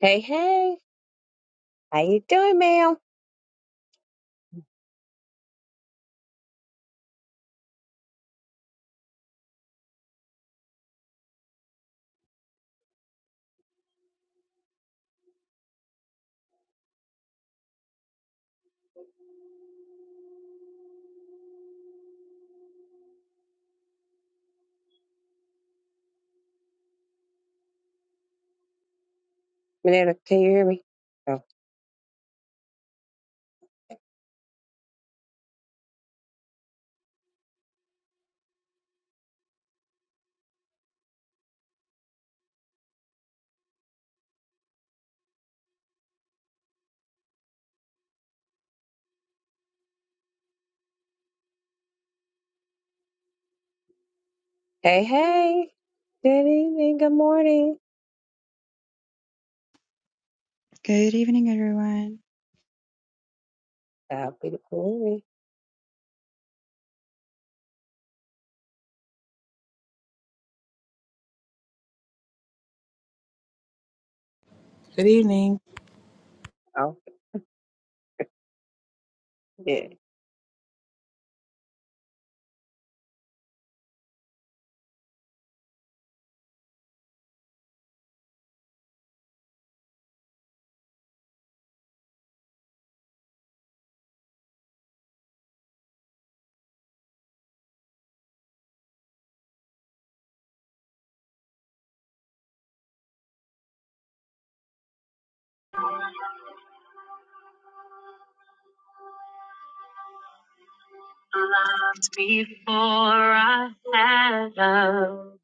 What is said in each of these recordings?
Hey, hey, how you doing, ma'am? Manetta, can you hear me? Oh. Hey, hey, good evening, good morning. Good evening, everyone. God be the glory. Good evening. Oh, yeah. Loved before I had love,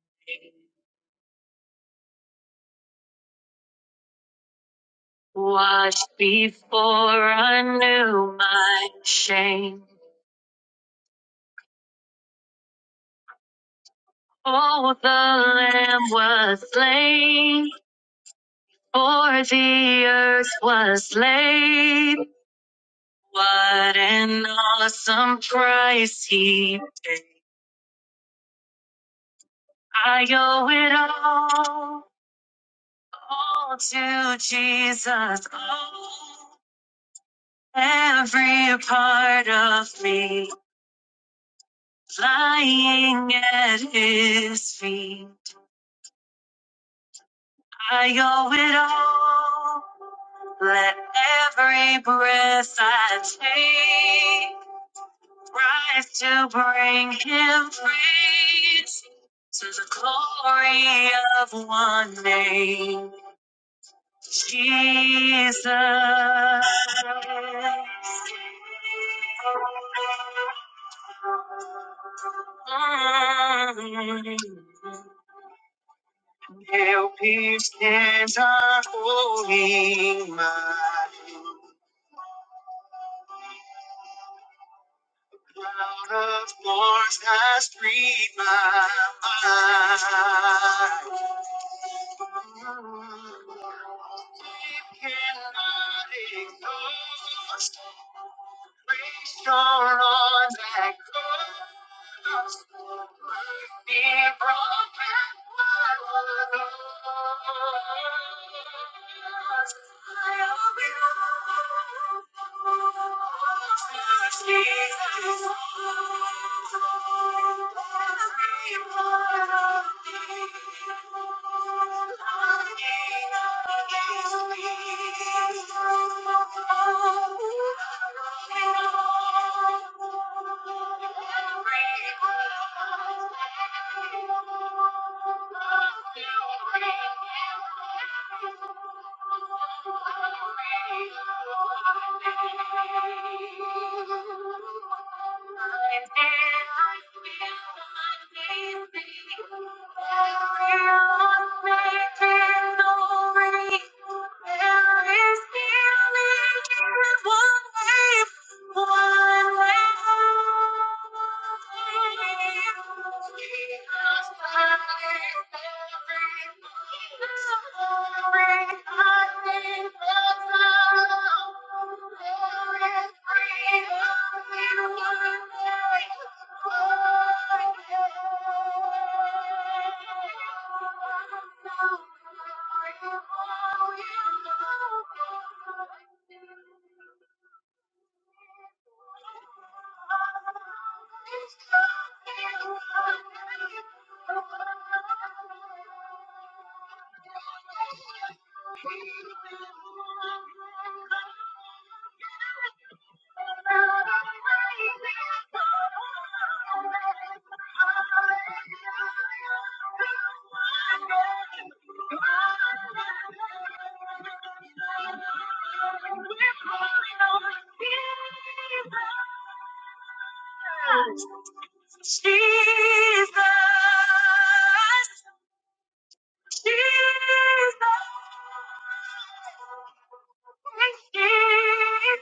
washed before I knew my shame. Oh, the Lamb was slain, for the earth was laid. What an awesome price he paid. I owe it all, all to Jesus. Oh, every part of me lying at his feet. I owe it all. Let every breath I take. rise to bring him praise to the glory of one name, Jesus. Mm. Help him stand unholding mine. Cloud of thorns has freed my mind. It cannot exhaust. Restore on that cross. Mercy brought back what was lost. I owe it all to Jesus. Every part of me. Thank you. Can we make it through? Can we still be one day, one night? Thank you. Jesus. She's gone. She's gone. She's just a dream. She's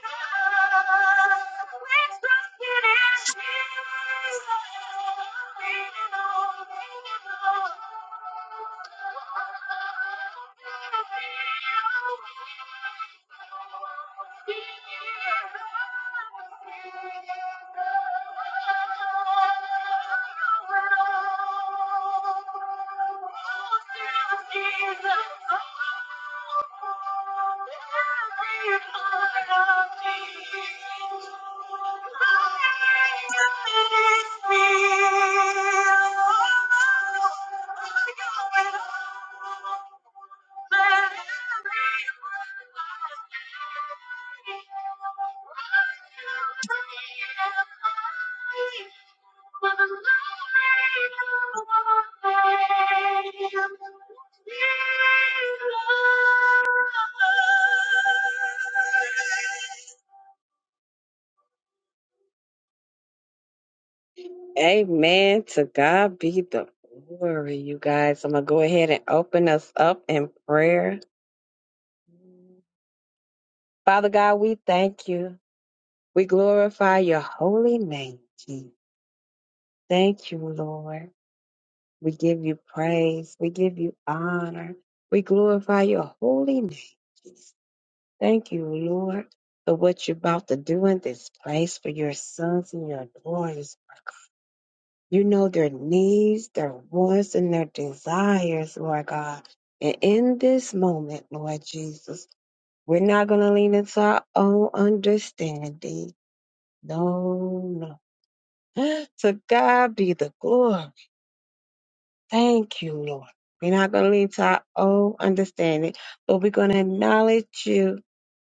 gone. She's gone. She's gone. Thank you. Amen. To God be the glory, you guys. I'm going to go ahead and open us up in prayer. Father God, we thank you. We glorify your holy name. Jesus. Thank you, Lord. We give you praise. We give you honor. We glorify your holy name. Jesus. Thank you, Lord, for what you're about to do in this place for your sons and your daughters. You know their needs, their wants, and their desires, Lord God. And in this moment, Lord Jesus, we're not going to lean into our own understanding. No, no. To God be the glory. Thank you, Lord. We're not going to lean to our own understanding, but we're going to acknowledge you,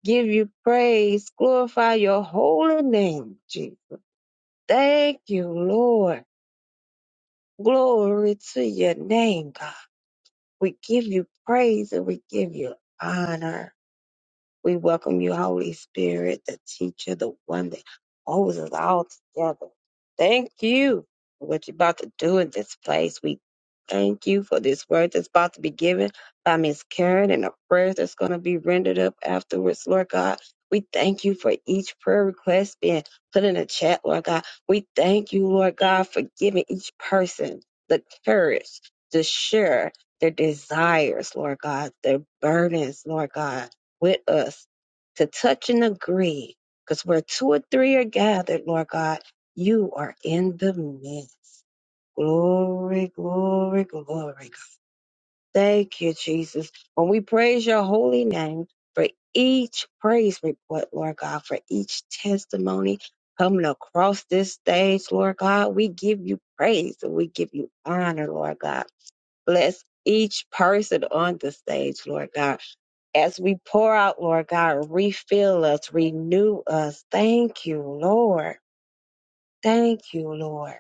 give you praise, glorify your holy name, Jesus. Thank you, Lord. Glory to your name, God. We give you praise and we give you honor. We welcome you, Holy Spirit, the teacher, the one that holds us all together. Thank you for what you're about to do in this place. We thank you for this word that's about to be given by Miss Karen and the prayers that's going to be rendered up afterwards, Lord God. We thank you for each prayer request being put in the chat, Lord God. We thank you, Lord God, for giving each person the courage to share their desires, Lord God, their burdens, Lord God with us to touch and agree. Because where two or three are gathered, Lord God, you are in the midst. Glory, glory, glory. Thank you, Jesus. When we praise your holy name for each praise report, Lord God, for each testimony coming across this stage, Lord God, we give you praise and we give you honor, Lord God. Bless each person on the stage, Lord God. As we pour out, Lord God, refill us, renew us. Thank you, Lord. Thank you, Lord.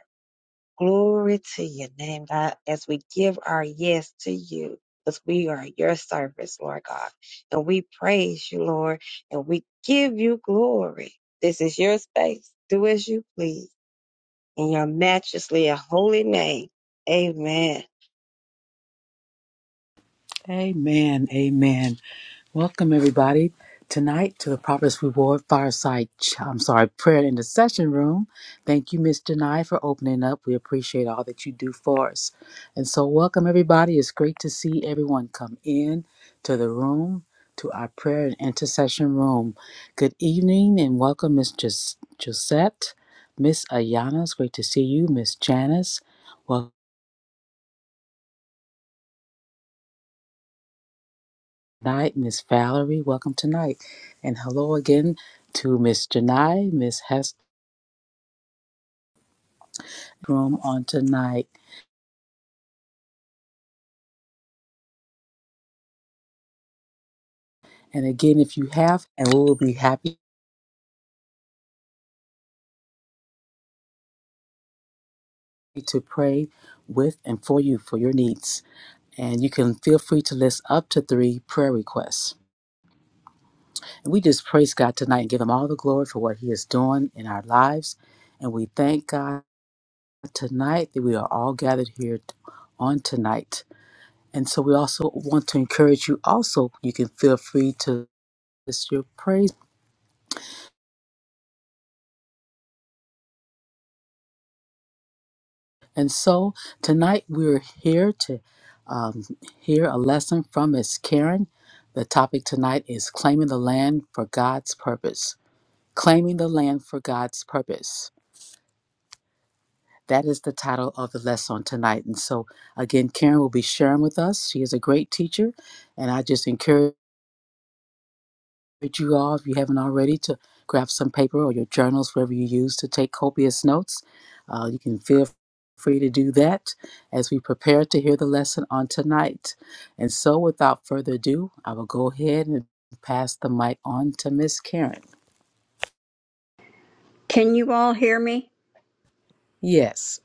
Glory to your name, God, as we give our yes to you, because we are your service, Lord God. And we praise you, Lord, and we give you glory. This is your space. Do as you please in your majesty and holy name. Amen. Amen. Amen. Welcome everybody tonight to the Prophet's Reward Fireside. Ch- I'm sorry, prayer and Intercession room. Thank you, Miss Denai, for opening up. We appreciate all that you do for us. And so, welcome everybody. It's great to see everyone come in to the room to our prayer and intercession room. Good evening and welcome, Miss Gis- Gisette, Miss Ayana. It's great to see you, Miss Janice. Welcome. night, Miss Valerie. Welcome tonight. And hello again to Miss Janai, Miss Hester room on tonight. And again, if you have, and we will be happy to pray with and for you for your needs. And you can feel free to list up to three prayer requests. And we just praise God tonight and give Him all the glory for what He is doing in our lives. And we thank God tonight that we are all gathered here t- on tonight. And so we also want to encourage you also, you can feel free to It's your praise. And so tonight we're here to um, hear a lesson from Miss Karen. The topic tonight is claiming the land for God's purpose. Claiming the land for God's purpose. That is the title of the lesson tonight. And so, again, Karen will be sharing with us. She is a great teacher, and I just encourage. encourage you all, if you haven't already, to grab some paper or your journals, wherever you use to take copious notes. Uh, you can feel free to do that as we prepare to hear the lesson on tonight. And so, without further ado, I will go ahead and pass the mic on to Miss Karen. Can you all hear me? Yes.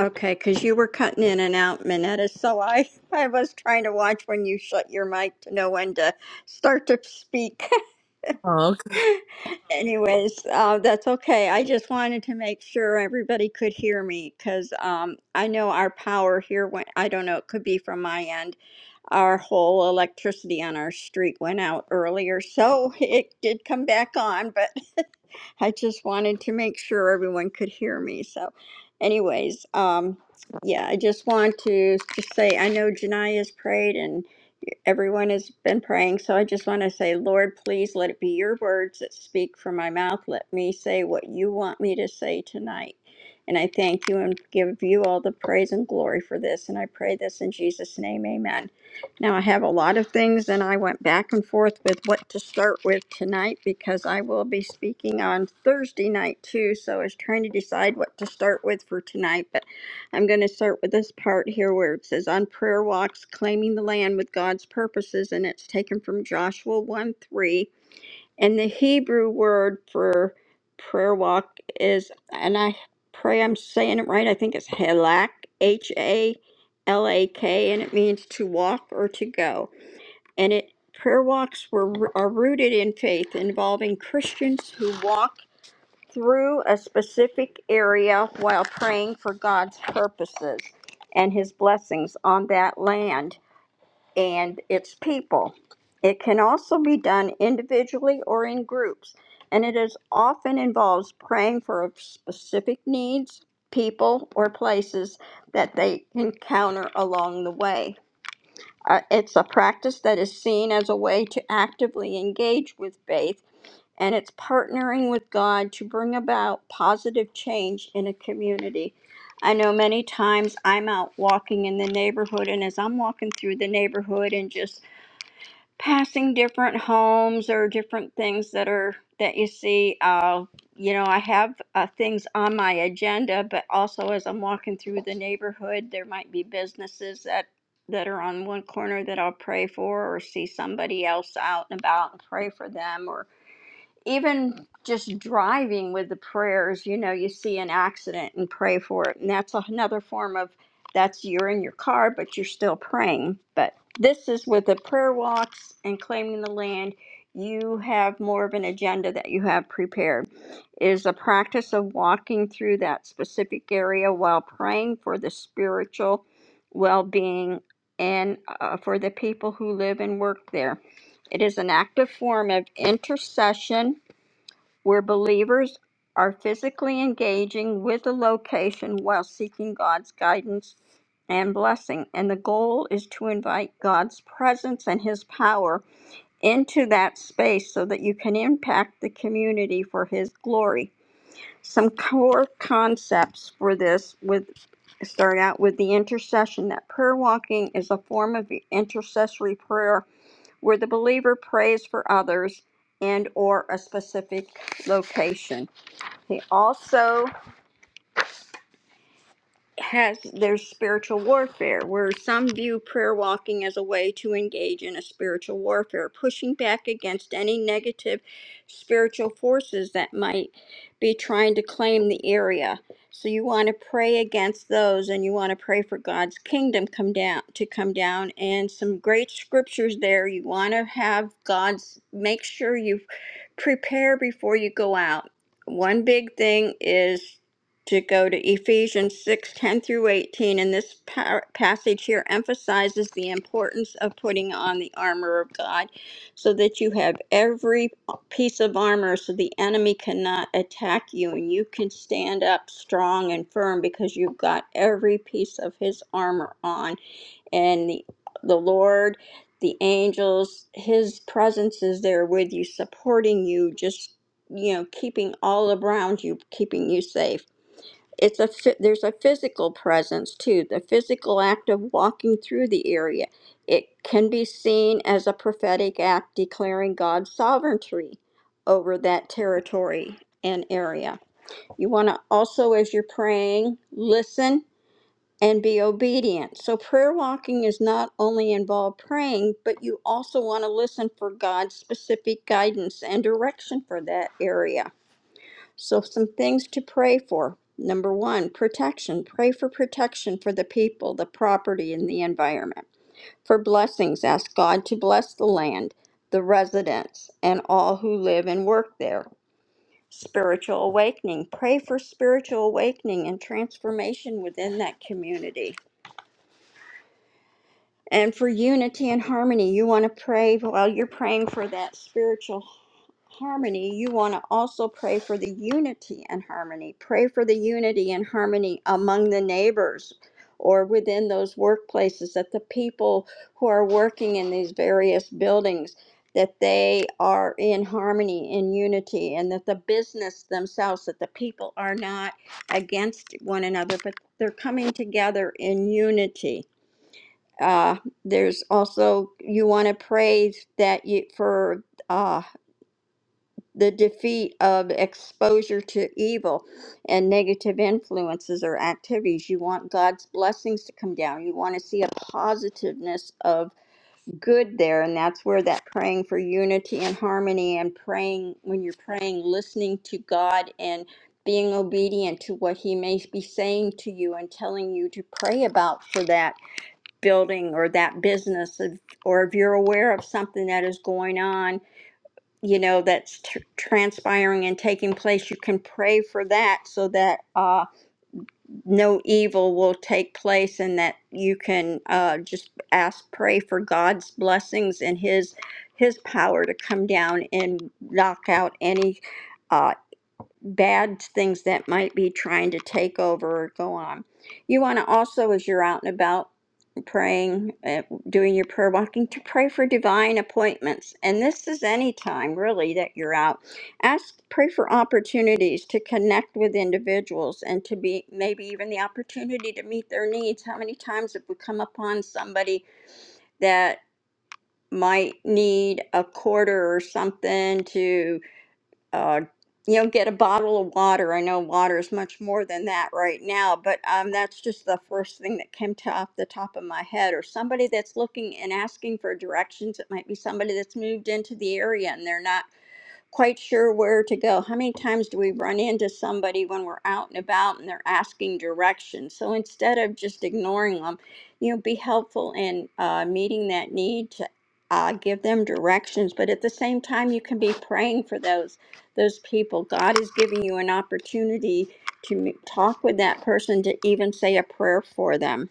Okay, because you were cutting in and out, Minetta. So I, I was trying to watch when you shut your mic to know when to start to speak. Oh, okay. Anyways, uh, that's okay. I just wanted to make sure everybody could hear me because um, I know our power here went, I don't know, it could be from my end. Our whole electricity on our street went out earlier. So it did come back on, but I just wanted to make sure everyone could hear me. So, anyways, um, yeah, I just want to just say I know Jania's prayed, and everyone has been praying. So I just want to say, Lord, please let it be your words that speak from my mouth. Let me say what you want me to say tonight. And I thank you and give you all the praise and glory for this. And I pray this in Jesus' name. Amen. Now, I have a lot of things, and I went back and forth with what to start with tonight because I will be speaking on Thursday night too. So I was trying to decide what to start with for tonight. But I'm going to start with this part here where it says on prayer walks, claiming the land with God's purposes, and it's taken from Joshua 1 3. And the Hebrew word for prayer walk is, and I pray I'm saying it right, I think it's halak, H A L A K, and it means to walk or to go. And it prayer walks were are rooted in faith, involving Christians who walk through a specific area while praying for God's purposes and his blessings on that land and its people. It can also be done individually or in groups, and it is often involves praying for specific needs, people, or places that they encounter along the way. Uh, it's a practice that is seen as a way to actively engage with faith and it's partnering with God to bring about positive change in a community. I know many times I'm out walking in the neighborhood, and as I'm walking through the neighborhood and just passing different homes or different things that are that you see, uh, you know, I have uh, things on my agenda, but also as I'm walking through the neighborhood, there might be businesses that that are on one corner that I'll pray for, or see somebody else out and about and pray for them, or even just driving with the prayers, you know, you see an accident and pray for it. And that's another form of that's you're in your car, but you're still praying. But this is with the prayer walks and claiming the land, you have more of an agenda that you have prepared. It is a practice of walking through that specific area while praying for the spiritual well being and uh, for the people who live and work there. It is an active form of intercession where believers are physically engaging with the location while seeking God's guidance and blessing. And the goal is to invite God's presence and His power into that space so that you can impact the community for His glory. Some core concepts for this with start out with the intercession that prayer walking is a form of intercessory prayer where the believer prays for others and or a specific location he also has there's spiritual warfare, where some view prayer walking as a way to engage in a spiritual warfare, pushing back against any negative spiritual forces that might be trying to claim the area. So you want to pray against those and you want to pray for God's kingdom come down to come down and some great scriptures there. You want to have God's make sure you prepare before you go out. One big thing is to go to Ephesians 6 10 through 18. And this par- passage here emphasizes the importance of putting on the armor of God so that you have every piece of armor so the enemy cannot attack you and you can stand up strong and firm because you've got every piece of his armor on. And the, the Lord, the angels, his presence is there with you, supporting you, just, you know, keeping all around you, keeping you safe it's a phy- there's a physical presence too the physical act of walking through the area it can be seen as a prophetic act declaring god's sovereignty over that territory and area you want to also as you're praying listen and be obedient so prayer walking is not only involved praying but you also want to listen for god's specific guidance and direction for that area so, some things to pray for. Number one, protection. Pray for protection for the people, the property, and the environment. For blessings, ask God to bless the land, the residents, and all who live and work there. Spiritual awakening. Pray for spiritual awakening and transformation within that community. And for unity and harmony, you want to pray while you're praying for that spiritual harmony, you want to also pray for the unity and harmony. Pray for the unity and harmony among the neighbors or within those workplaces that the people who are working in these various buildings that they are in harmony in unity and that the business themselves that the people are not against one another but they're coming together in unity uh, there's also you want to pray that you for uh, the defeat of exposure to evil and negative influences or activities. You want God's blessings to come down. You want to see a positiveness of good there. And that's where that praying for unity and harmony and praying, when you're praying, listening to God and being obedient to what He may be saying to you and telling you to pray about for that building or that business, if- or if you're aware of something that is going on you know that's tr transpiring and taking place you can pray for that so that uh, no evil will take place and that you can uh, just ask pray for god's blessings and his his power to come down and knock out any uh, bad things that might be trying to take over or go on you want to also as you're out and about praying, uh, doing your prayer walking to pray for divine appointments. And this is any time really that you're out. Ask, pray for opportunities to connect with individuals and to be maybe even the opportunity to meet their needs. How many times have we come upon somebody that might need a quarter or something to? uh, you know, get a bottle of water. I know water is much more than that right now, but um, that's just the first thing that came to off the top of my head. Or somebody that's looking and asking for directions. It might be somebody that's moved into the area and they're not quite sure where to go. How many times do we run into somebody when we're out and about and they're asking directions? So instead of just ignoring them, you know, be helpful in uh, meeting that need to uh, give them directions. But at the same time, you can be praying for those those people. God is giving you an opportunity to m- talk with that person, to even say a prayer for them.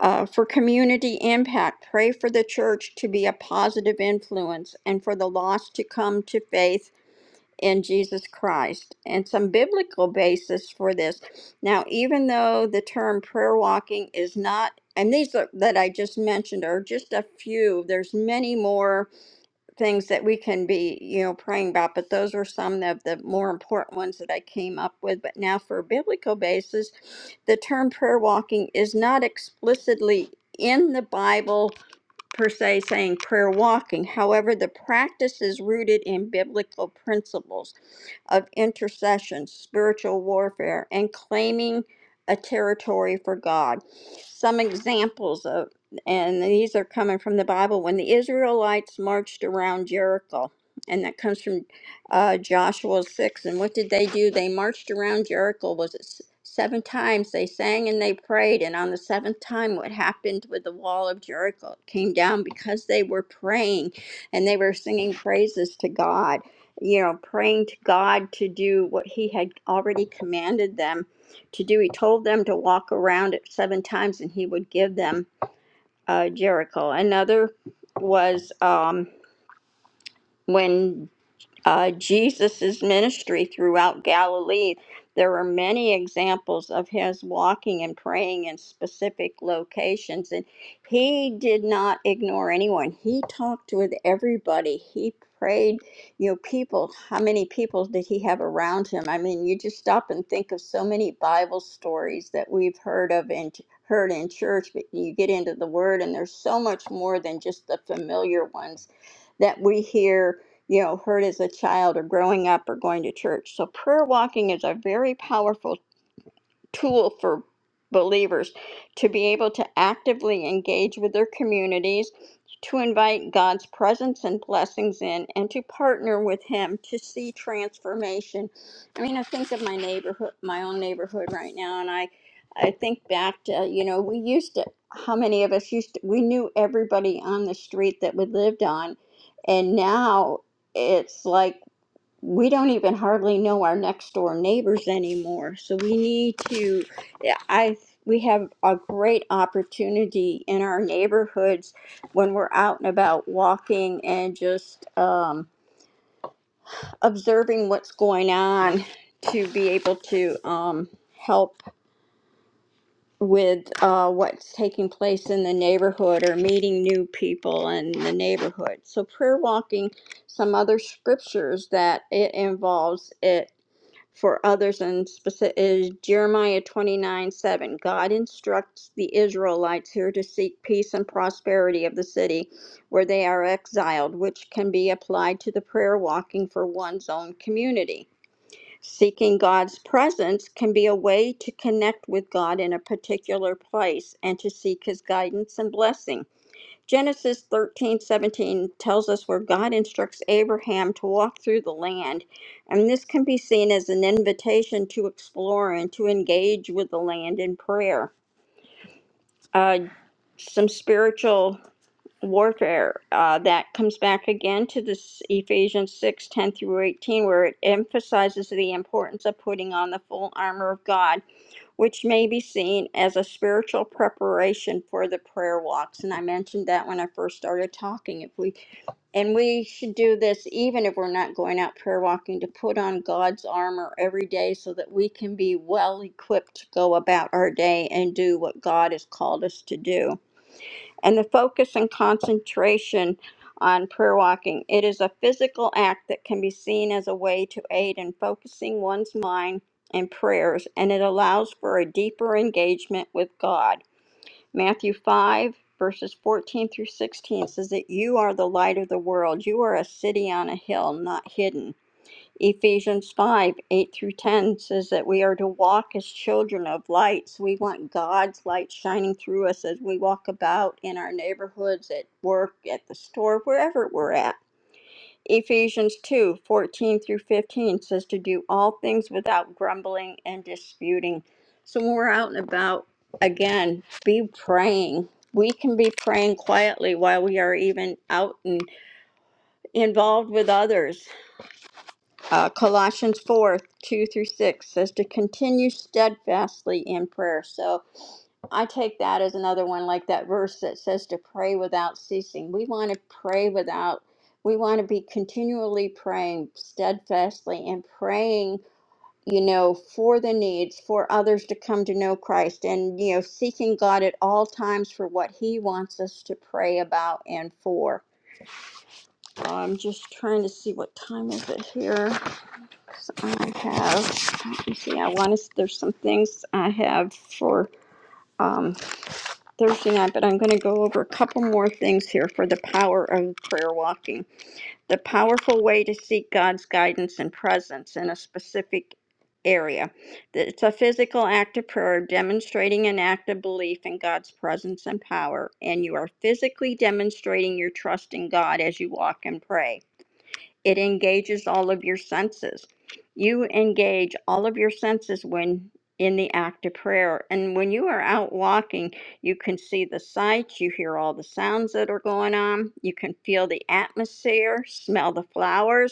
Uh, for community impact, pray for the church to be a positive influence and for the lost to come to faith in Jesus Christ and some biblical basis for this. Now, even though the term prayer walking is not, and these are, that I just mentioned are just a few, there's many more things that we can be, you know, praying about, but those are some of the more important ones that I came up with. But now, for biblical basis, the term prayer walking is not explicitly in the Bible per se saying prayer walking. However, the practice is rooted in biblical principles of intercession, spiritual warfare, and claiming a territory for God. Some examples of, and these are coming from the Bible, when the Israelites marched around Jericho, and that comes from uh, Joshua 6. And what did they do? They marched around Jericho, was it s- seven times? They sang and they prayed. And on the seventh time, what happened with the wall of Jericho? It came down because they were praying and they were singing praises to God you know, praying to God to do what he had already commanded them to do. He told them to walk around it seven times and he would give them uh, Jericho. Another was um, when uh, Jesus' ministry throughout Galilee. There are many examples of his walking and praying in specific locations, and he did not ignore anyone. He talked with everybody. He prayed, you know, people. How many people did he have around him? I mean, you just stop and think of so many Bible stories that we've heard of and heard in church, but you get into the Word, and there's so much more than just the familiar ones that we hear you know heard as a child or growing up or going to church so prayer walking is a very powerful tool for believers to be able to actively engage with their communities, to invite God's presence and blessings in, and to partner with Him to see transformation. I mean, I think of my neighborhood, my own neighborhood right now, and I, I think back to, you know, we used to, how many of us used to, we knew everybody on the street that we lived on, and now it's like, we don't even hardly know our next door neighbors anymore. So we need to, yeah, I, we have a great opportunity in our neighborhoods when we're out and about walking and just um, observing what's going on to be able to um, help with uh, what's taking place in the neighborhood or meeting new people in the neighborhood. So prayer walking some other scriptures that it involves it for others and specific, is Jeremiah 29 7. God instructs the Israelites here to seek peace and prosperity of the city where they are exiled, which can be applied to the prayer walking for one's own community. Seeking God's presence can be a way to connect with God in a particular place and to seek his guidance and blessing. Genesis thirteen seventeen tells us where God instructs Abraham to walk through the land, and this can be seen as an invitation to explore and to engage with the land in prayer. Uh, some spiritual warfare uh, that comes back again to this Ephesians six ten through 18, where it emphasizes the importance of putting on the full armor of God, which may be seen as a spiritual preparation for the prayer walks. And I mentioned that when I first started talking. If we and we should do this even if we're not going out prayer walking to put on God's armor every day so that we can be well equipped to go about our day and do what God has called us to do. And the focus and concentration on prayer walking it is a physical act that can be seen as a way to aid in focusing one's mind and prayers and it allows for a deeper engagement with God. Matthew 5, verses 14 through 16 says that you are the light of the world. You are a city on a hill, not hidden. Ephesians 5, 8 through 10 says that we are to walk as children of light. So we want God's light shining through us as we walk about in our neighborhoods, at work, at the store, wherever we're at. Ephesians 2 14 through 15 says to do all things without grumbling and disputing. So when we're out and about, again, be praying. We can be praying quietly while we are even out and involved with others. Uh, Colossians 4 2 through 6 says to continue steadfastly in prayer. So I take that as another one, like that verse that says to pray without ceasing. We want to pray without, we want to be continually praying steadfastly and praying, you know, for the needs, for others to come to know Christ and, you know, seeking God at all times for what He wants us to pray about and for. I'm just trying to see what time is it here. 'cause I have, let me see, I want to, there's some things I have for. um, Thursday night, but I'm going to go over a couple more things here for the power of prayer walking. The powerful way to seek God's guidance and presence in a specific area. It's a physical act of prayer demonstrating an act of belief in God's presence and power, and you are physically demonstrating your trust in God as you walk and pray. It engages all of your senses. You engage all of your senses when in the act of prayer. And when you are out walking, you can see the sights, you hear all the sounds that are going on, you can feel the atmosphere, smell the flowers,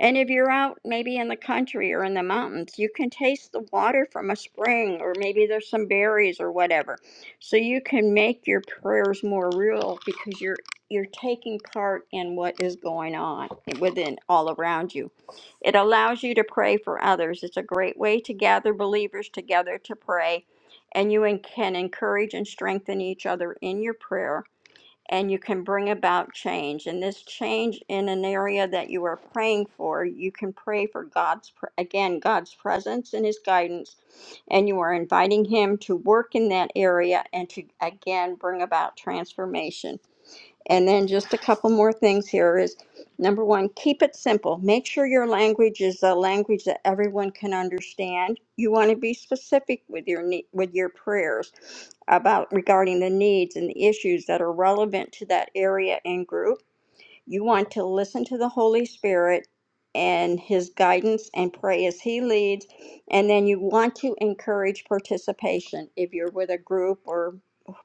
and if you're out maybe in the country or in the mountains, you can taste the water from a spring, or maybe there's some berries or whatever. So you can make your prayers more real because you're you're taking part in what is going on within all around you. It allows you to pray for others. It's a great way to gather believers together to pray, and you en- can encourage and strengthen each other in your prayer and you can bring about change. And this change in an area that you are praying for, you can pray for God's, pr- again, God's presence and His guidance. And you are inviting Him to work in that area and to, again, bring about transformation. And then just a couple more things here is number one, keep it simple. Make sure your language is a language that everyone can understand. You want to be specific with your ne- with your prayers about regarding the needs and the issues that are relevant to that area and group. You want to listen to the Holy Spirit and his guidance and pray as he leads and then you want to encourage participation if you're with a group or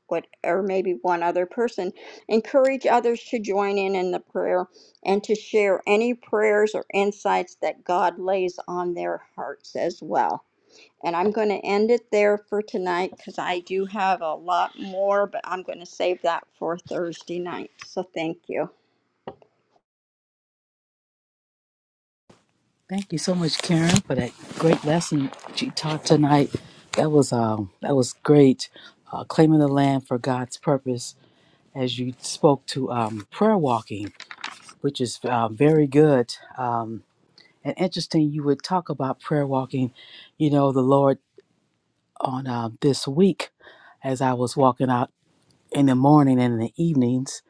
what or maybe one other person encourage others to join in in the prayer and to share any prayers or insights that god lays on their hearts as well and i'm going to end it there for tonight because i do have a lot more but i'm going to save that for thursday night so thank you Thank you so much, Karen, for that great lesson that you taught tonight. That was um, that was great. Uh, claiming the land for God's purpose, as you spoke to um, prayer walking which is uh, very good um, and interesting. You would talk about prayer walking. You know, the Lord on uh, this week, as I was walking out in the morning and in the evenings,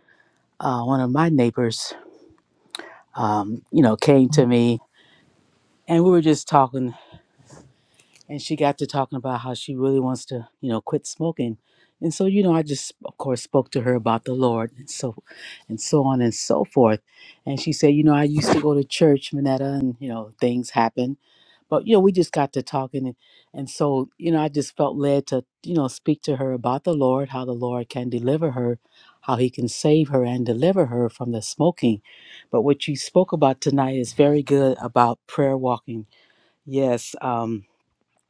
uh, one of my neighbors, um, you know, came to me and we were just talking. and she got to talking about how she really wants to, you know, quit smoking. And so, you know, I just of course spoke to her about the Lord and so and so on and so forth. And she said, you know, I used to go to church, Minetta, and you know, things happen. But you know, we just got to talking and, and so, you know, I just felt led to, you know, speak to her about the Lord, how the Lord can deliver her, how he can save her and deliver her from the smoking. But what you spoke about tonight is very good about prayer walking. Yes, um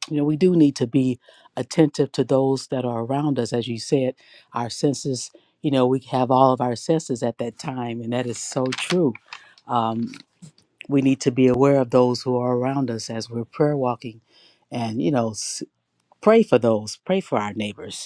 you know, we do need to be attentive to those that are around us. As you said, our senses, you know, we have all of our senses at that time, and that is so true. Um, we need to be aware of those who are around us as we're prayer walking and, you know, s- pray for those, pray for our neighbors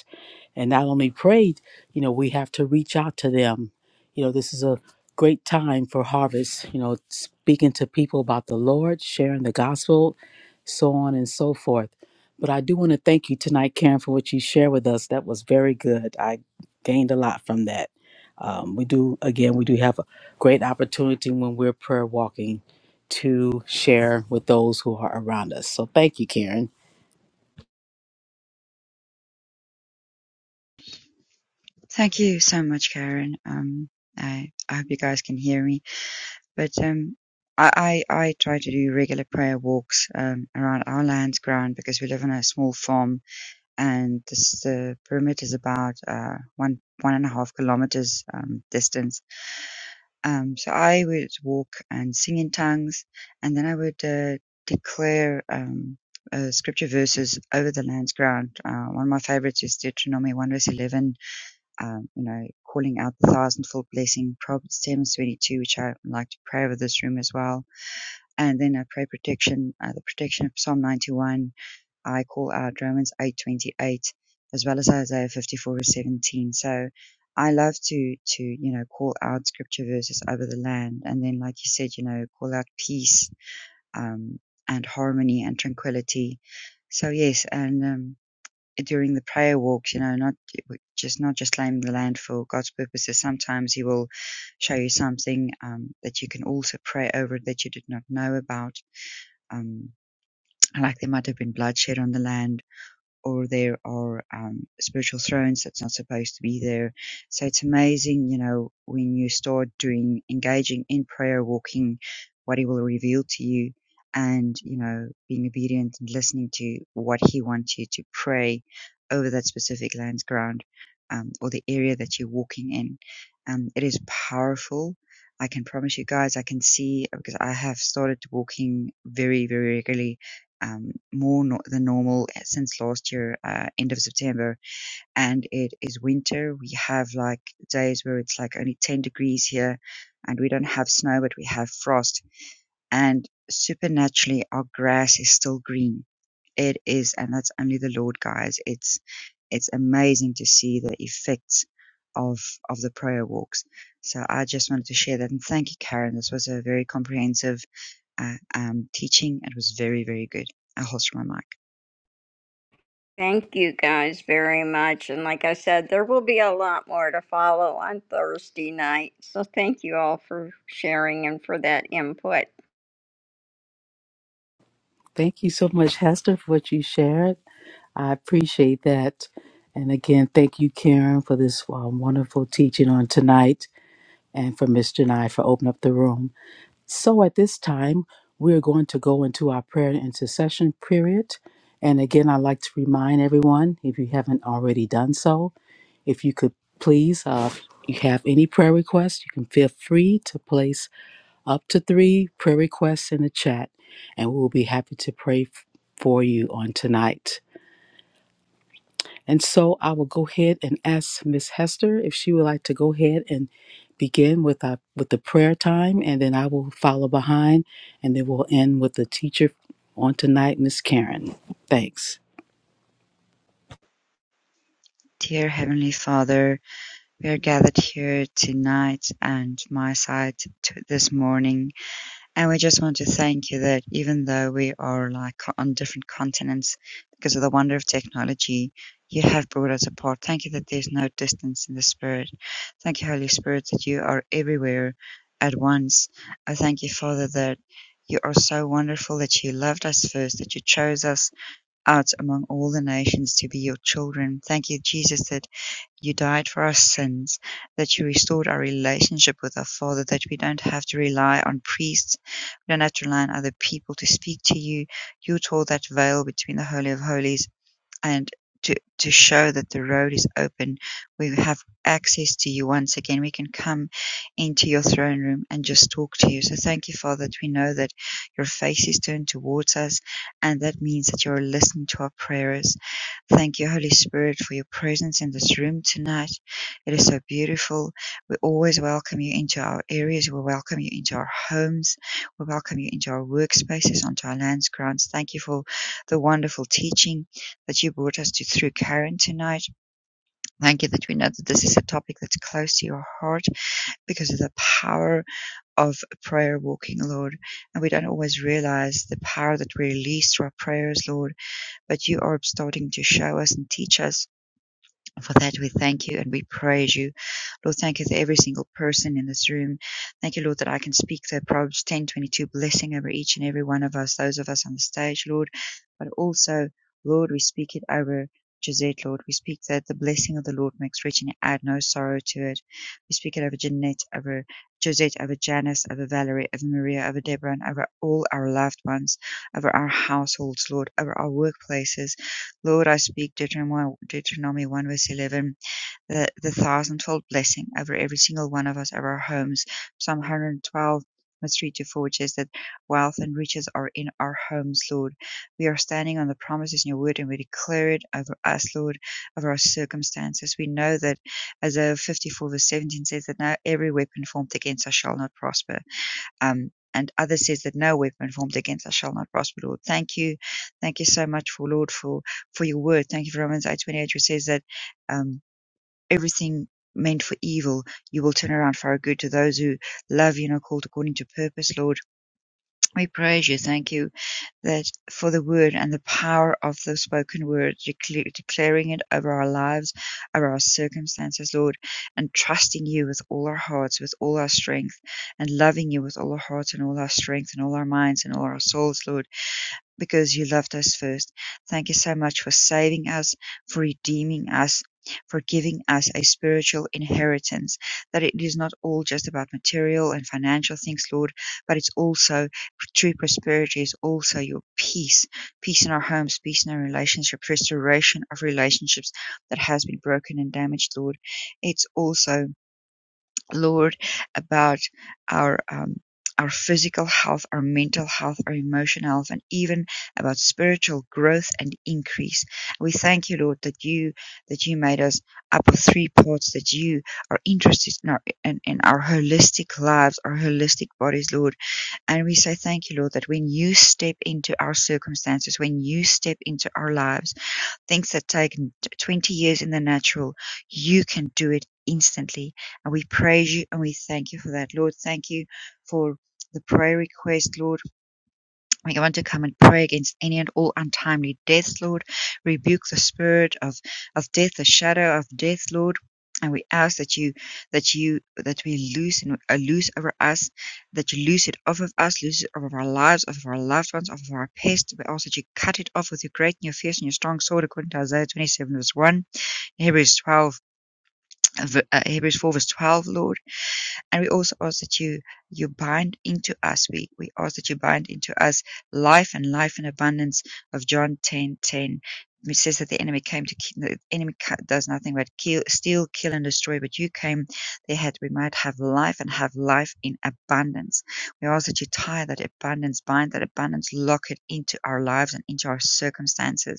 and not only prayed, you know, we have to reach out to them. You know, this is a great time for harvest, you know, speaking to people about the Lord, sharing the gospel, so on and so forth. But I do want to thank you tonight, Karen, for what you shared with us. That was very good. I gained a lot from that. Um, we do, again, we do have a great opportunity when we're prayer walking to share with those who are around us. So thank you, Karen. Thank you so much, Karen. Um, I, I hope you guys can hear me. But um, I, I, I try to do regular prayer walks um, around our lands ground because we live on a small farm, and this the perimeter is about uh, one one and a half kilometers um, distance. Um, so I would walk and sing in tongues, and then I would uh, declare. Um, uh, scripture verses over the land's ground. Uh, one of my favorites is Deuteronomy 1 verse 11 um, you know, calling out the thousandfold blessing, Proverbs 7 22, which I like to pray over this room as well. And then I pray protection, uh, the protection of Psalm 91. I call out Romans 8 28, as well as Isaiah 54 17. So I love to, to, you know, call out scripture verses over the land. And then, like you said, you know, call out peace, um, and harmony and tranquility. So, yes, and, um, during the prayer walks, you know, not just not just claim the land for God's purposes. Sometimes He will show you something um, that you can also pray over that you did not know about. Um, like there might have been bloodshed on the land, or there are um, spiritual thrones that's not supposed to be there. So it's amazing, you know, when you start doing engaging in prayer, walking, what He will reveal to you, and you know, being obedient and listening to what He wants you to pray over that specific land's ground um, or the area that you're walking in. Um, it is powerful. I can promise you guys, I can see because I have started walking very, very regularly um, more no- than normal eh, since last year, uh, end of September, and it is winter. We have like days where it's like only 10 degrees here, and we don't have snow, but we have frost. And supernaturally, our grass is still green. It is, and that's only the Lord, guys. It's it's amazing to see the effects of of the prayer walks. So I just wanted to share that, and thank you, Karen. This was a very comprehensive uh, um, teaching. It was very very good. I will host my mic. thank you guys very much and like i said there will be a lot more to follow on thursday night so thank you all for sharing and for that input Thank you so much, Hester, for what you shared. I appreciate that. And again, thank you, Karen, for this uh, wonderful teaching on tonight and for Mr. Janai for opening up the room. So at this time, we're going to go into our prayer and intercession period. And again, I'd like to remind everyone, if you haven't already done so, if you could please, uh, if you have any prayer requests, you can feel free to place up to three prayer requests in the chat, and we'll be happy to pray f- for you on tonight. And so I will go ahead and ask Miss Hester if she would like to go ahead and begin with our, with the prayer time, and then I will follow behind, and then we'll end with the teacher on tonight, Miss Karen. Thanks. Dear Heavenly Father, we are gathered here tonight and my side to this morning. And we just want to thank you that even though we are like on different continents because of the wonder of technology, you have brought us apart. Thank you that there's no distance in the Spirit. Thank you, Holy Spirit, that you are everywhere at once. I thank you, Father, that you are so wonderful that you loved us first, that you chose us out among all the nations to be your children. Thank you, Jesus, that you died for our sins, that you restored our relationship with our Father, that we don't have to rely on priests, we don't have to rely on other people to speak to you. You tore that veil between the Holy of Holies and to to show that the road is open. We have access to you once again. We can come into your throne room and just talk to you. So thank you, Father, that we know that your face is turned towards us, and that means that you're listening to our prayers Thank you, Holy Spirit, for your presence in this room tonight. It is so beautiful. We always welcome you into our areas. We welcome you into our homes. We welcome you into our workspaces, onto our lands, grounds. Thank you for the wonderful teaching that you brought us to through Karen tonight. Thank you that we know that this is a topic that's close to your heart because of the power of prayer walking, Lord. And we don't always realize the power that we release through our prayers, Lord, but you are starting to show us and teach us for that, we thank you and we praise you. Lord, thank you for every single person in this room. Thank you, Lord, that I can speak the Proverbs 10 22. blessing over each and every one of us, those of us on the stage, Lord. But also, Lord, we speak it over Gisette, Lord. We speak that the blessing of the Lord makes rich and add no sorrow to it. We speak it over Jeanette, over Josette, over Janice, over Valerie, over Maria, over Deborah, and over all our loved ones, over our households, Lord, over our workplaces. Lord, I speak Deuteronomy 1 verse 11, the, the thousandfold blessing over every single one of us, over our homes. Psalm 112 verse 3 to 4, which says that wealth and riches are in our homes, Lord. We are standing on the promises in your word and we declare it over us, Lord, over our circumstances. We know that as Isaiah 54 verse 17 says that now every weapon formed against us shall not prosper. Um, and others says that no weapon formed against us shall not prosper, Lord. Thank you. Thank you so much for Lord for for your word. Thank you for Romans eight twenty eight, which says that um, everything meant for evil you will turn around for our good to those who love you and are called according to purpose, Lord. We praise you, thank you. That for the word and the power of the spoken word, decla- declaring it over our lives, over our circumstances, Lord, and trusting you with all our hearts, with all our strength, and loving you with all our hearts and all our strength and all our minds and all our souls, Lord because you loved us first. Thank you so much for saving us, for redeeming us, for giving us a spiritual inheritance. That it is not all just about material and financial things, Lord, but it's also true prosperity is also your peace. Peace in our homes, peace in our relationships, restoration of relationships that has been broken and damaged, Lord. It's also Lord, about our um, our physical health, our mental health, our emotional health, and even about spiritual growth and increase. We thank you, Lord, that you that you made us up of three parts, that you are interested in our in, in our holistic lives, our holistic bodies, Lord. And we say thank you, Lord, that when you step into our circumstances, when you step into our lives things that take 20 years in the natural, you can do it instantly. And we praise you and we thank you for that. Lord, thank you for the prayer request, Lord. We want to come and pray against any and all untimely deaths, Lord. Rebuke the spirit of, of death, the shadow of death, Lord. And we ask that you, that you, that we loose and uh, loose over us, that you loose it off of us, loose it off of our lives, off of our loved ones, off of our pest. We ask that you cut it off with your great and your fierce and your strong sword, according to Isaiah 27 verse 1, Hebrews 12, uh, uh, Hebrews 4 verse 12, Lord. And we also ask that you you bind into us. We we ask that you bind into us life and life in abundance of John ten ten. It says that the enemy came to ki- the enemy does nothing but kill, steal, kill, and destroy. But you came, they we might have life and have life in abundance. We ask that you tie that abundance, bind that abundance, lock it into our lives and into our circumstances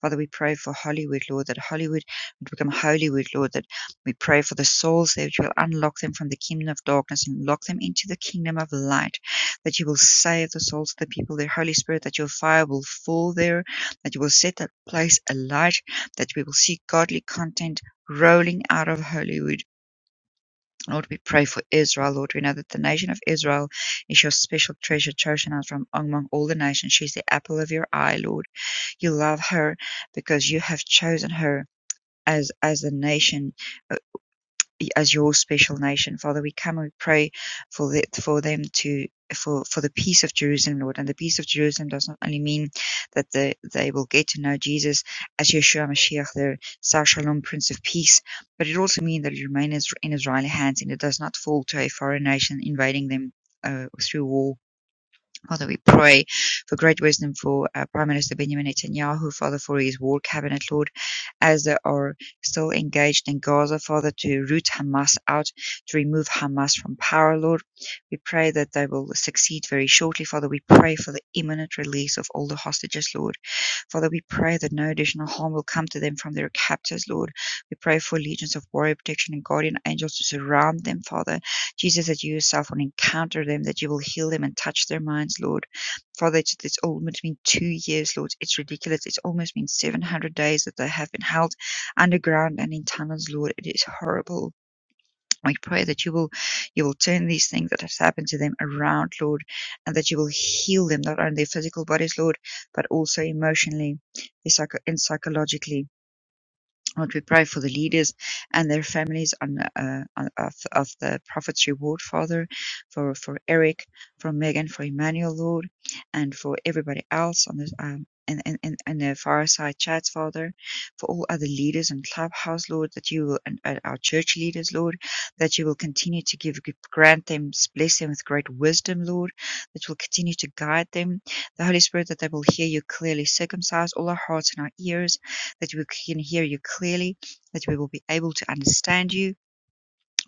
Father, we pray for Hollywood, Lord, that Hollywood would become Holywood, Lord, that we pray for the souls there, that you will unlock them from the kingdom of darkness and lock them into the kingdom of light, that you will save the souls of the people there, Holy Spirit, that your fire will fall there, that you will set that place alight, that we will see godly content rolling out of Hollywood. Lord, we pray for Israel. Lord, we know that the nation of Israel is your special treasure, chosen out from among all the nations. She's the apple of your eye, Lord. You love her because you have chosen her as as the nation as your special nation. Father, we come and we pray for the, for them to for for the peace of Jerusalem, Lord. And the peace of Jerusalem does not only mean that the, they will get to know Jesus as Yeshua Mashiach, their Sar Shalom, Prince of Peace, but it also means that it remains in Israeli hands and it does not fall to a foreign nation invading them. Uh, through war Father, we pray for great wisdom for uh, Prime Minister Benjamin Netanyahu, Father, for his war cabinet, Lord, as they are still engaged in Gaza, Father, to root Hamas out, to remove Hamas from power, Lord. We pray that they will succeed very shortly, Father. We pray for the imminent release of all the hostages, Lord. Father, we pray that no additional harm will come to them from their captors, Lord. We pray for legions of warrior protection and guardian angels to surround them, Father Jesus, that you yourself will encounter them, that you will heal them and touch their minds, Lord. Father, it's, it's almost been two years, Lord. It's ridiculous. It's almost been 700 days that they have been held underground and in tunnels, Lord. It is horrible. We pray that you will, you will turn these things that have happened to them around, Lord, and that you will heal them, not only their physical bodies, Lord, but also emotionally and psychologically. Lord, we pray for the leaders and their families on, uh, on of, of the Prophet's Reward, Father, for, for Eric, for Megan, for Emmanuel, Lord, and for everybody else on this um in, in, in in the fireside chats, Father, for all other leaders and clubhouse, Lord, that you will, and, and our church leaders, Lord, that you will continue to give, grant them, bless them with great wisdom, Lord, that will continue to guide them. The Holy Spirit, that they will hear you clearly, circumcise all our hearts and our ears, that we can hear you clearly, that we will be able to understand you.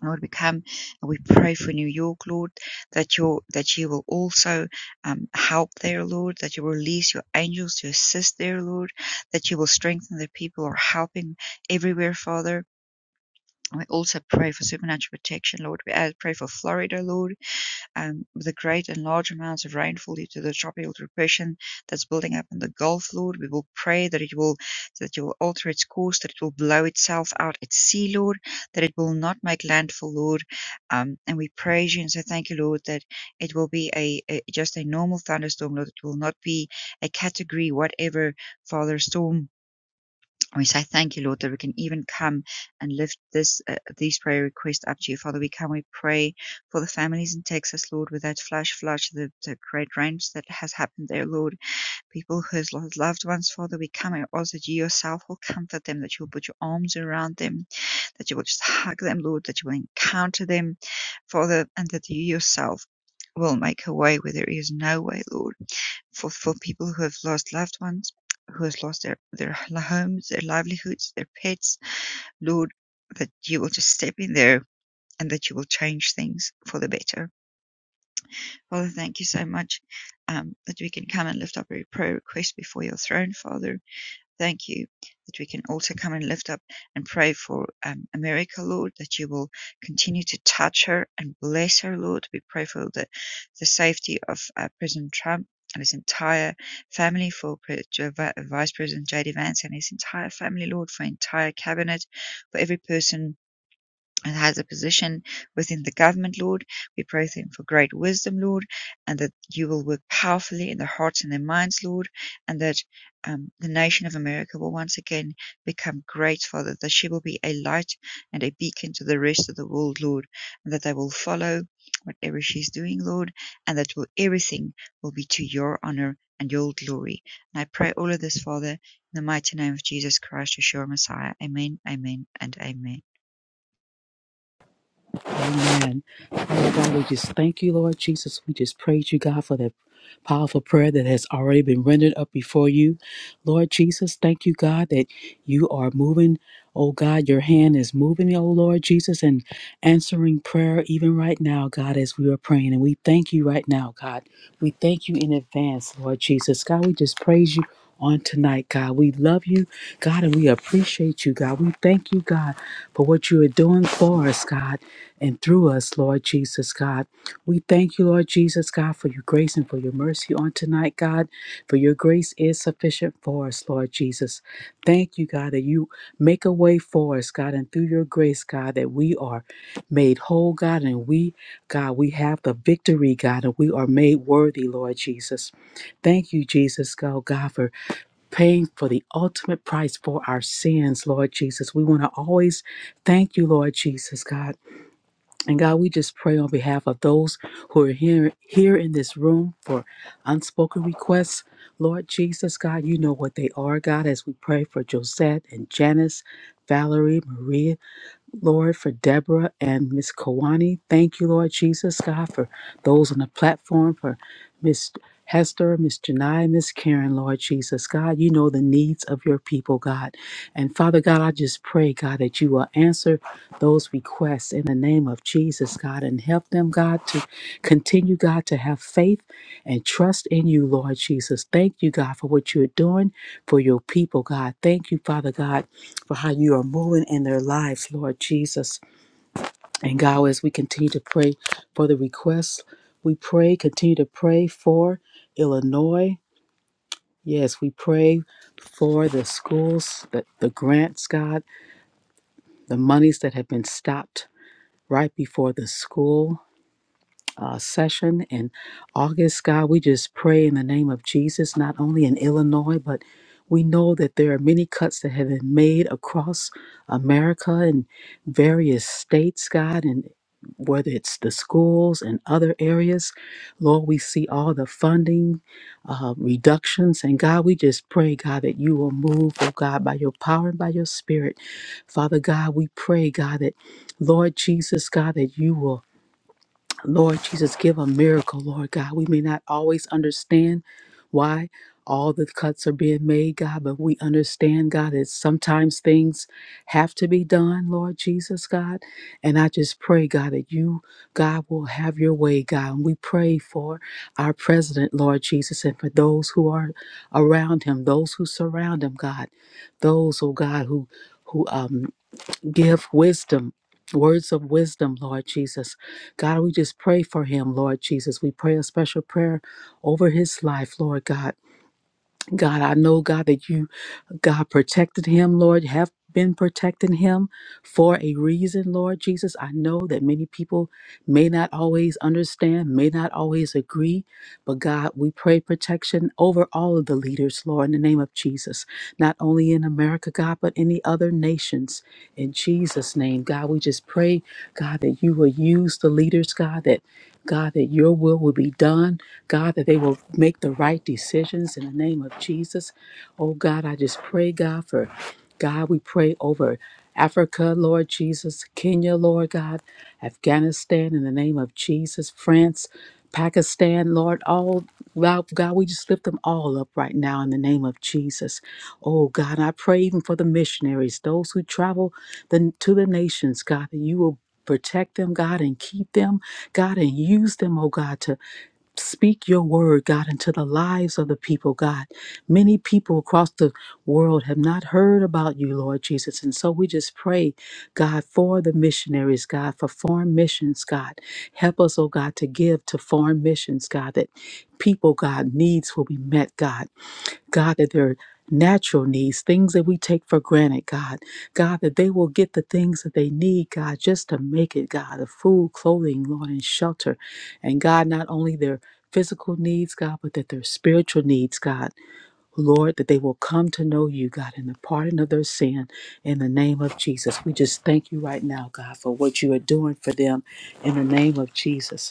Lord, we come and we pray for New York, Lord, that you that you will also um, help there, Lord, that you release your angels to assist there, Lord, that you will strengthen the people who are helping everywhere, Father. We also pray for supernatural protection, Lord. We uh, pray for Florida, Lord um, with the great and large amounts of rainfall due to the tropical depression that's building up in the Gulf, Lord. We will pray that it will that you will alter its course, that it will blow itself out at sea, Lord, that it will not make landfall, Lord. Um, and we praise you and say thank you, Lord, that it will be a, a just a normal thunderstorm, Lord. It will not be a category whatever, Father, storm and We say thank you, Lord, that we can even come and lift this uh, these prayer requests up to you, Father. We come, we pray for the families in Texas, Lord, with that flash flood, the, the great rains that has happened there, Lord. People who has lost loved ones, Father, we come and ask that you yourself will comfort them, that you will put your arms around them, that you will just hug them, Lord, that you will encounter them, Father, and that you yourself will make a way where there is no way, Lord for for people who have lost loved ones, who has lost their their homes, their livelihoods, their pets. Lord, that you will just step in there and that you will change things for the better. Father, thank you so much um, that we can come and lift up every prayer request before your throne, Father Thank you that we can also come and lift up and pray for um, America, Lord, that you will continue to touch her and bless her, Lord. We pray for the, the safety of uh, President Trump and his entire family, for Vice President J.D. Vance and his entire family, Lord, for entire cabinet, for every person and has a position within the government, Lord. We pray them for great wisdom, Lord, and that you will work powerfully in their hearts and their minds, Lord, and that um, the nation of America will once again become great, Father, that she will be a light and a beacon to the rest of the world, Lord, and that they will follow whatever she's doing, Lord, and that will, everything will be to your honor and your glory. And I pray all of this, Father, in the mighty name of Jesus Christ, Yeshua Messiah. Amen, amen, and amen. Amen. Father God, we just thank you, Lord Jesus. We just praise you, God, for that powerful prayer that has already been rendered up before you. Lord Jesus, thank you, God, that you are moving. Oh God, your hand is moving, oh Lord Jesus, and answering prayer even right now, God, as we are praying. And we thank you right now, God. We thank you in advance, Lord Jesus. God, we just praise you on tonight, God. We love you, God, and we appreciate you, God. We thank you, God, for what you are doing for us, God and through us, Lord Jesus God. We thank you, Lord Jesus God, for your grace and for your mercy on tonight, God, for your grace is sufficient for us, Lord Jesus. Thank you, God, that you make a way for us, God, and through your grace, God, that we are made whole, God, and we, God, we have the victory, God, and we are made worthy, Lord Jesus. Thank you, Jesus, God, God, for paying for the ultimate price for our sins, Lord Jesus. We want to always thank you, Lord Jesus, God. And God, we just pray on behalf of those who are here here in this room for unspoken requests. Lord Jesus, God, you know what they are, God, as we pray for Josette and Janice, Valerie, Maria. Lord, for Deborah and Miss Kawani. Thank you, Lord Jesus, God, for those on the platform, for Miss Hester, Miss Janai, Miss Karen, Lord Jesus, God, you know the needs of your people, God. And Father God, I just pray, God, that you will answer those requests in the name of Jesus, God, and help them, God, to continue, God, to have faith and trust in you, Lord Jesus. Thank you, God, for what you're doing for your people, God. Thank you, Father God for how you are moving in their lives, Lord Jesus. And God, as we continue to pray for the requests, we pray, continue to pray for Illinois. Yes, we pray for the schools, the, the grants, God, the monies that have been stopped right before the school. uh, session in August. God, we just pray in the name of Jesus, not only in Illinois, but we know that there are many cuts that have been made across America and various states, God, and whether it's the schools and other areas. Lord, we see all the funding uh, reductions. And God, we just pray, God, that you will move, oh God, by your power and by your spirit. Father God, we pray, God, that Lord Jesus, God, that you will Lord Jesus, give a miracle, Lord God. We may not always understand why all the cuts are being made, God, but we understand, God, that sometimes things have to be done, Lord Jesus, God. And I just pray, God, that you, God, will have your way, God. And we pray for our president, Lord Jesus, and for those who are around him, those who surround him, God, those, oh God, who who um give wisdom, words of wisdom, Lord Jesus. God, we just pray for him, Lord Jesus. We pray a special prayer over his life, Lord God. God, I know, God, that you, God, protected him, Lord, have been protecting him for a reason, Lord Jesus. I know that many people may not always understand, may not always agree, but God, we pray protection over all of the leaders, Lord, in the name of Jesus, not only in America, God, but any other nations. In Jesus' name, God, we just pray God, that you will use the leaders, God, that God, that your will will be done. God, that they will make the right decisions in the name of Jesus. Oh God, I just pray, God, for God, we pray over Africa, Lord Jesus, Kenya, Lord God, Afghanistan, in the name of Jesus, France, Pakistan, Lord, all Wow, God, we just lift them all up right now in the name of Jesus. Oh, God, I pray even for the missionaries, those who travel the, to the nations, God, that you will Protect them, God, and keep them, God, and use them, oh God, to speak your word, God, into the lives of the people, God. Many people across the world have not heard about you, Lord Jesus. And so we just pray, God, for the missionaries, God, for foreign missions, God. Help us, oh God, to give to foreign missions, God, that people, God, needs will be met, God. God, that their natural needs, things that we take for granted, God, God, that they will get the things that they need, God, just to make it, God, the food, clothing, Lord, and shelter. And God, not only their physical needs, God, but that their spiritual needs, God, Lord, that they will come to know you, God, in the pardon of their sin in the name of Jesus. We just thank you right now, God, for what you are doing for them in the name of Jesus.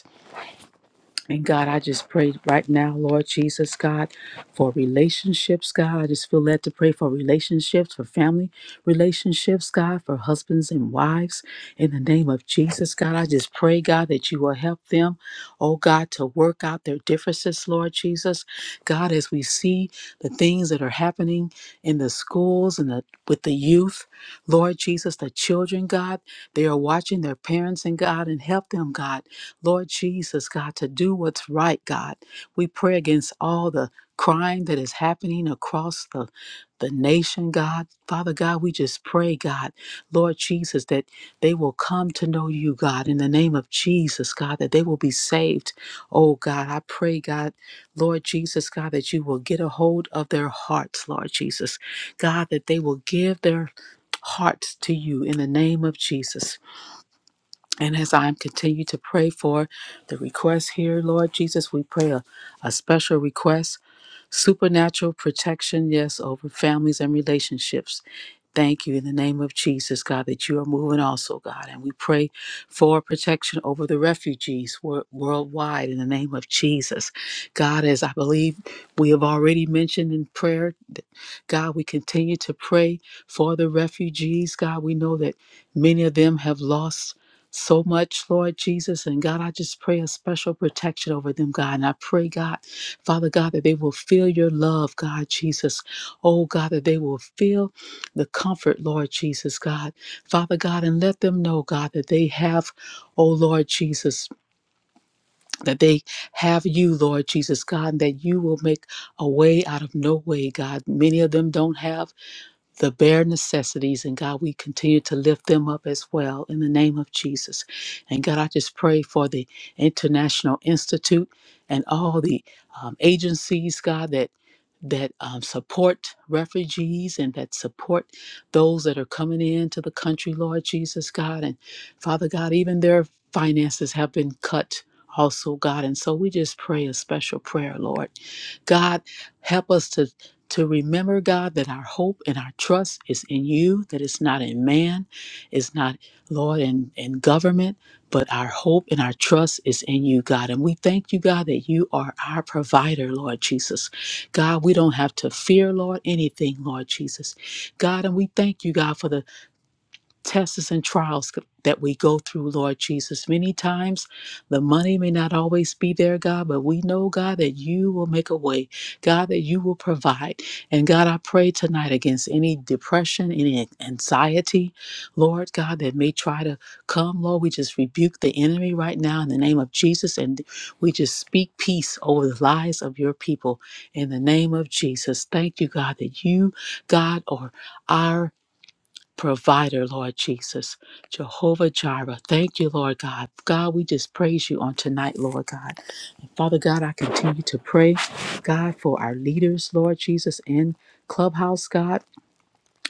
And God, I just pray right now, Lord Jesus, God, for relationships, God. I just feel led to pray for relationships, for family relationships, God, for husbands and wives. In the name of Jesus, God, I just pray, God, that you will help them, oh God, to work out their differences, Lord Jesus. God, as we see the things that are happening in the schools and the, with the youth, Lord Jesus, the children, God, they are watching their parents and God, and help them, God. Lord Jesus, God, to do what's right, God. We pray against all the crime that is happening across the, the nation, God. Father God, we just pray, God, Lord Jesus, that they will come to know you, God, in the name of Jesus, God, that they will be saved. Oh, God, I pray, God, Lord Jesus, God, that you will get a hold of their hearts, Lord Jesus. God, that they will give their hearts to you in the name of Jesus. And as I continue to pray for the request here, Lord Jesus, we pray a, a special request, supernatural protection, yes, over families and relationships. Thank you in the name of Jesus, God, that you are moving also, God. And we pray for protection over the refugees wor- worldwide in the name of Jesus. God, as I believe we have already mentioned in prayer, th- God, we continue to pray for the refugees. God, we know that many of them have lost. So much, Lord Jesus. And God, I just pray a special protection over them, God. And I pray, God, Father God, that they will feel your love, God Jesus. Oh, God, that they will feel the comfort, Lord Jesus God. Father God, and let them know, God, that they have, oh Lord Jesus, that they have you, Lord Jesus God, and that you will make a way out of no way, God. Many of them don't have the bare necessities. And God, we continue to lift them up as well in the name of Jesus. And God, I just pray for the International Institute and all the um, agencies, God, that that um, support refugees and that support those that are coming into the country, Lord Jesus God. And Father God, even their finances have been cut also, God. And so we just pray a special prayer, Lord. God, help us to to remember, God, that our hope and our trust is in you, that it's not in man, it's not, Lord, in, in government, but our hope and our trust is in you, God. And we thank you, God, that you are our provider, Lord Jesus. God, we don't have to fear, Lord, anything, Lord Jesus. God, and we thank you, God, for the tests and trials that we go through, Lord Jesus. Many times the money may not always be there, God, but we know, God, that you will make a way, God, that you will provide. And God, I pray tonight against any depression, any anxiety, Lord God, that may try to come. Lord, we just rebuke the enemy right now in the name of Jesus, and we just speak peace over the lives of your people in the name of Jesus. Thank you, God, that you, God, are our provider, Lord Jesus. Jehovah Jireh, thank you, Lord God. God, we just praise you on tonight, Lord God. Father God, I continue to pray, God, for our leaders, Lord Jesus, in Clubhouse, God.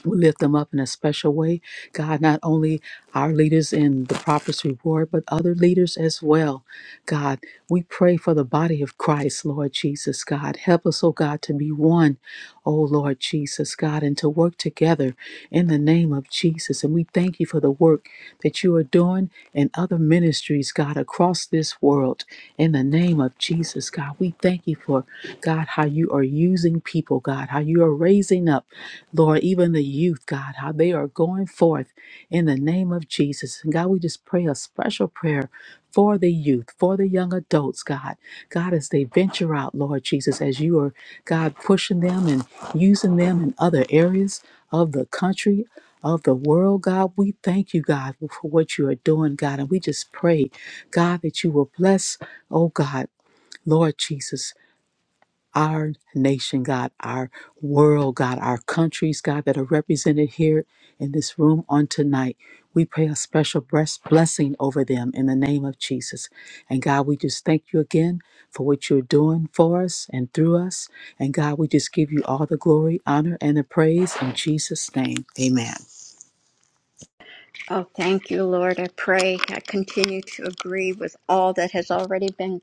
We lift them up in a special way. God, not only our leaders in the Prophet's Reward, but other leaders as well. God, we pray for the body of Christ, Lord Jesus, God. Help us, oh God, to be one, oh Lord Jesus, God, and to work together in the name of Jesus. And we thank you for the work that you are doing in other ministries, God, across this world. In the name of Jesus, God, we thank you for, God, how you are using people, God, how you are raising up. Lord, even the youth, God, how they are going forth in the name of Jesus. And God, we just pray a special prayer for the youth, for the young adults, God. God, as they venture out, Lord Jesus, as you are, God, pushing them and using them in other areas of the country, of the world, God, we thank you, God, for what you are doing, God. And we just pray, God, that you will bless, oh God, Lord Jesus our nation, God, our world, God, our countries, God, that are represented here in this room on tonight. We pray a special bless- blessing over them in the name of Jesus. And God, we just thank you again for what you're doing for us and through us. And God, we just give you all the glory, honor, and the praise in Jesus' name. Amen. Oh, thank you, Lord. I pray I continue to agree with all that has already been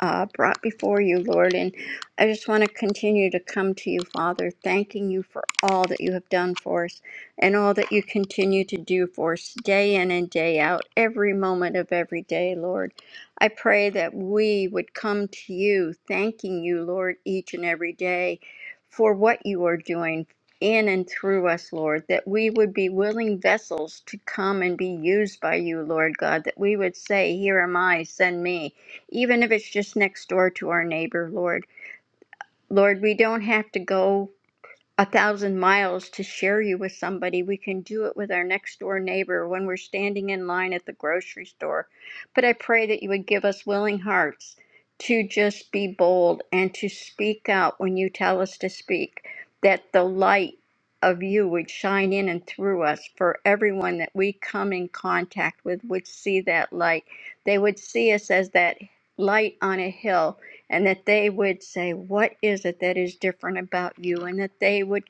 uh, brought before you, Lord. And I just want to continue to come to you, Father, thanking you for all that you have done for us and all that you continue to do for us day in and day out, every moment of every day, Lord. I pray that we would come to you, thanking you, Lord, each and every day for what you are doing. In and through us, Lord, that we would be willing vessels to come and be used by you, Lord God, that we would say, Here am I, send me even if it's just next door to our neighbor, Lord. Lord, we don't have to go a thousand miles to share you with somebody. We can do it with our next door neighbor when we're standing in line at the grocery store. But I pray that you would give us willing hearts to just be bold and to speak out when you tell us to speak, that the light of you would shine in and through us for everyone that we come in contact with would see that light. They would see us as that light on a hill and that they would say, What is it that is different about you? And that they would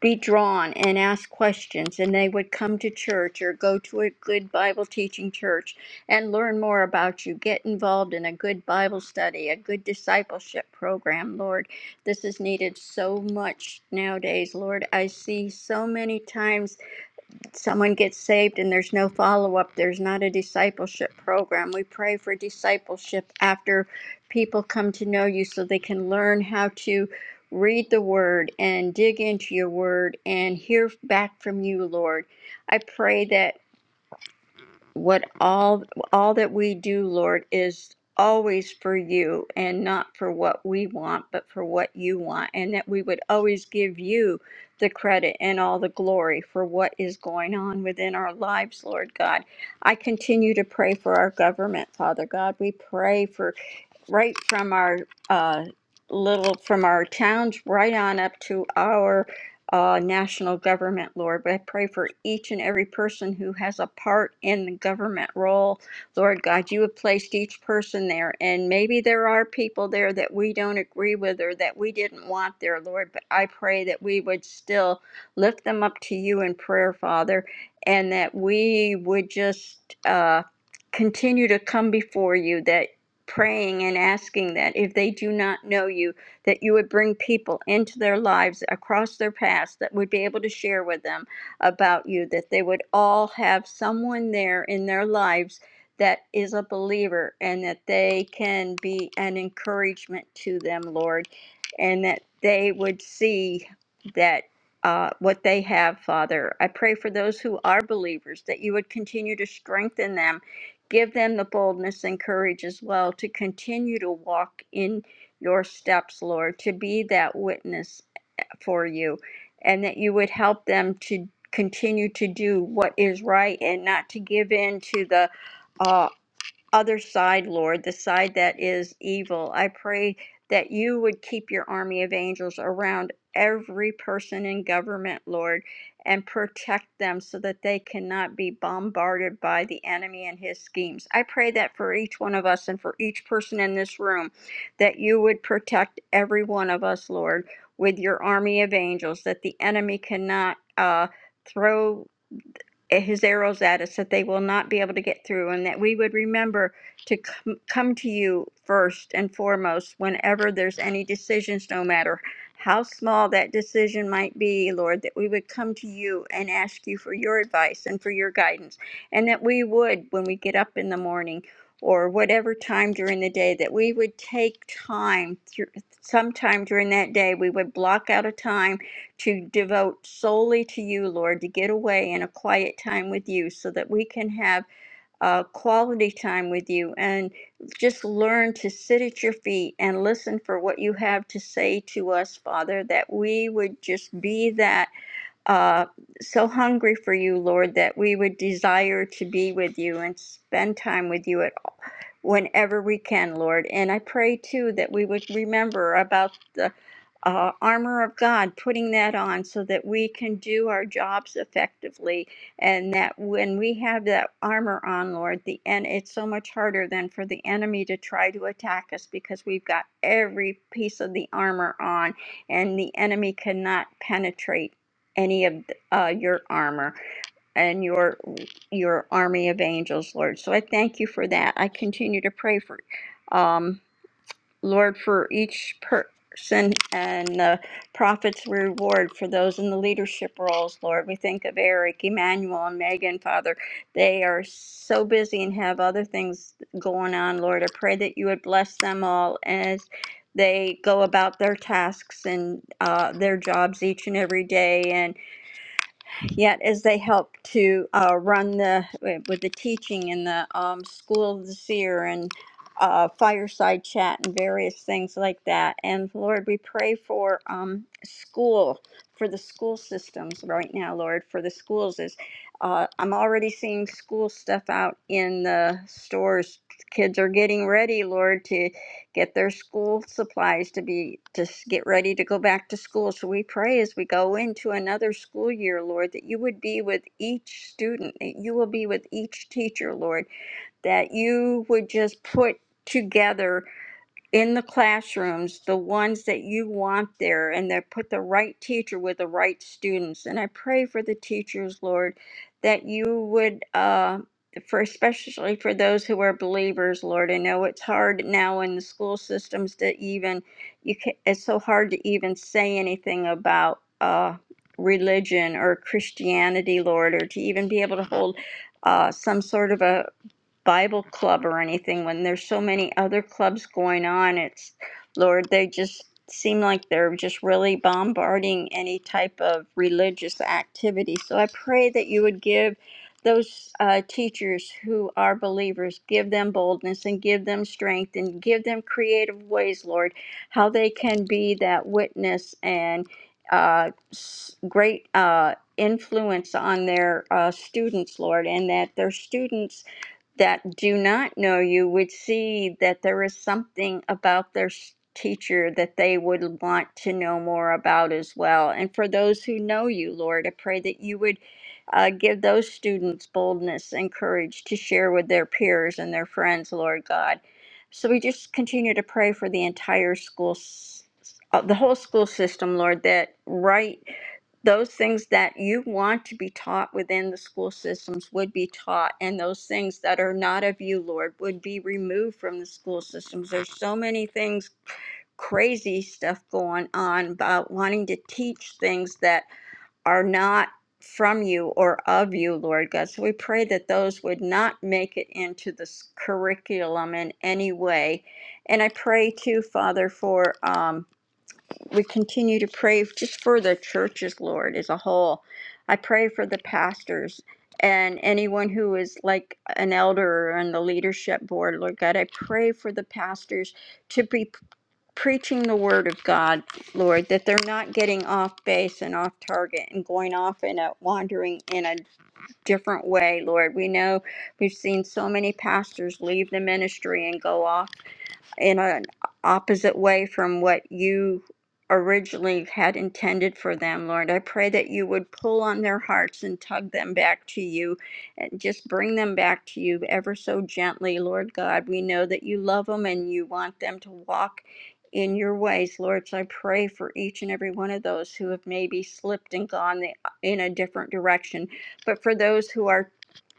be drawn and ask questions, and they would come to church or go to a good Bible teaching church and learn more about you. Get involved in a good Bible study, a good discipleship program, Lord. This is needed so much nowadays, Lord. I see so many times someone gets saved and there's no follow up, there's not a discipleship program. We pray for discipleship after people come to know you so they can learn how to read the word and dig into your word and hear back from you, Lord. I pray that what all all that we do lord is always for you and not for what we want but for what you want and that we would always give you the credit and all the glory for what is going on within our lives lord god i continue to pray for our government father god we pray for right from our uh, little from our towns right on up to our uh, national government, Lord. But I pray for each and every person who has a part in the government role, Lord God. You have placed each person there, and maybe there are people there that we don't agree with or that we didn't want there, Lord. But I pray that we would still lift them up to you in prayer, Father, and that we would just. Uh, continue to come before you, That praying and asking that if they do not know you, that you would bring people into their lives across their paths that would be able to share with them about you, that they would all have someone there in their lives that is a believer and that they can be an encouragement to them, Lord, and that they would see that uh, what they have, Father. I pray for those who are believers that you would continue to strengthen them Give them the boldness and courage as well to continue to walk in your steps, Lord, to be that witness for you, and that you would help them to continue to do what is right and not to give in to the uh, other side, Lord, the side that is evil. I pray that you would keep your army of angels around every person in government, Lord, and protect them so that they cannot be bombarded by the enemy and his schemes. I pray that for each one of us and for each person in this room, that you would protect every one of us, Lord, with your army of angels, that the enemy cannot. Uh, throw eh, his arrows at us that they will not be able to get through and that we would remember to come, come to you first and foremost whenever there's any decisions no matter how small that decision might be lord that we would come to you and ask you for your advice and for your guidance and that we would when we get up in the morning or whatever time during the day that we would take time through sometime during that day we would block out a time to devote solely to you, Lord, to get away in a quiet time with you so that we can have uh, quality time with you and just learn to sit at your feet and listen for what you have to say to us, Father, that we would just be that uh, so hungry for you, Lord, that we would desire to be with you and spend time with you at whenever we can, Lord. And I pray too that we would remember about the uh, armor of God, putting that on so that we can do our jobs effectively, and that when we have that armor on, Lord, the and it's so much harder than for the enemy to try to attack us because we've got every piece of the armor on, and the enemy cannot penetrate any of uh, your armor and your your army of angels, Lord. So I thank you for that. I continue to pray for, um, Lord, for each person and the prophet's reward for those in the leadership roles, Lord. We think of Eric, Emmanuel, and Megan, Father. They are so busy and have other things going on, Lord. I pray that you would bless them all as they go about their tasks and uh, their jobs each and every day and yet as they help to uh, run the with the teaching in the um, school of the seer and uh, fireside chat and various things like that and lord we pray for um, school for the school systems right now lord for the schools is uh, i'm already seeing school stuff out in the stores kids are getting ready lord to get their school supplies to be to s- get ready to go back to school. So we pray as we go into another school year, Lord, that you would be with each student, that you will be with each teacher, Lord, that you would just put together in the classrooms, the ones that you want there, and that put the right teacher with the right students. And I pray for the teachers, Lord, that you would, uh, for especially for those who are believers, Lord. I know it's hard now in the school systems to even, you can, it's so hard to even say anything about uh, religion or Christianity, Lord, or to even be able to hold uh, some sort of a Bible club or anything when there's so many other clubs going on. It's, Lord, they just seem like they're just really bombarding any type of religious activity. So I pray that you would give those uh, teachers who are believers, give them boldness and give them strength and give them creative ways, Lord, how they can be that witness and uh, s- great uh, influence on their uh, students, Lord, and that their students that do not know you would see that there is something about their s- teacher that they would want to know more about as well. And for those who know you, Lord, I pray that you would uh, give those students boldness and courage to share with their peers and their friends, Lord God. So we just continue to pray for the entire school, s- s- uh, the whole school system, Lord, that right those things that you want to be taught within the school systems would be taught and those things that are not of you lord would be removed from the school systems there's so many things crazy stuff going on about wanting to teach things that are not from you or of you lord god so we pray that those would not make it into this curriculum in any way and i pray too father for um we continue to pray just for the churches, Lord, as a whole. I pray for the pastors and anyone who is like an elder on the leadership board, Lord God. I pray for the pastors to be preaching the word of God, Lord, that they're not getting off base and off target and going off in a wandering in a different way, Lord. We know we've seen so many pastors leave the ministry and go off in an opposite way from what you originally had intended for them, Lord. I pray that you would pull on their hearts and tug them back to you and just bring them back to you ever so gently, Lord God. We know that you love them and you want them to walk in your ways, Lord. So I pray for each and every one of those who have maybe slipped and gone the, in a different direction. But for those who are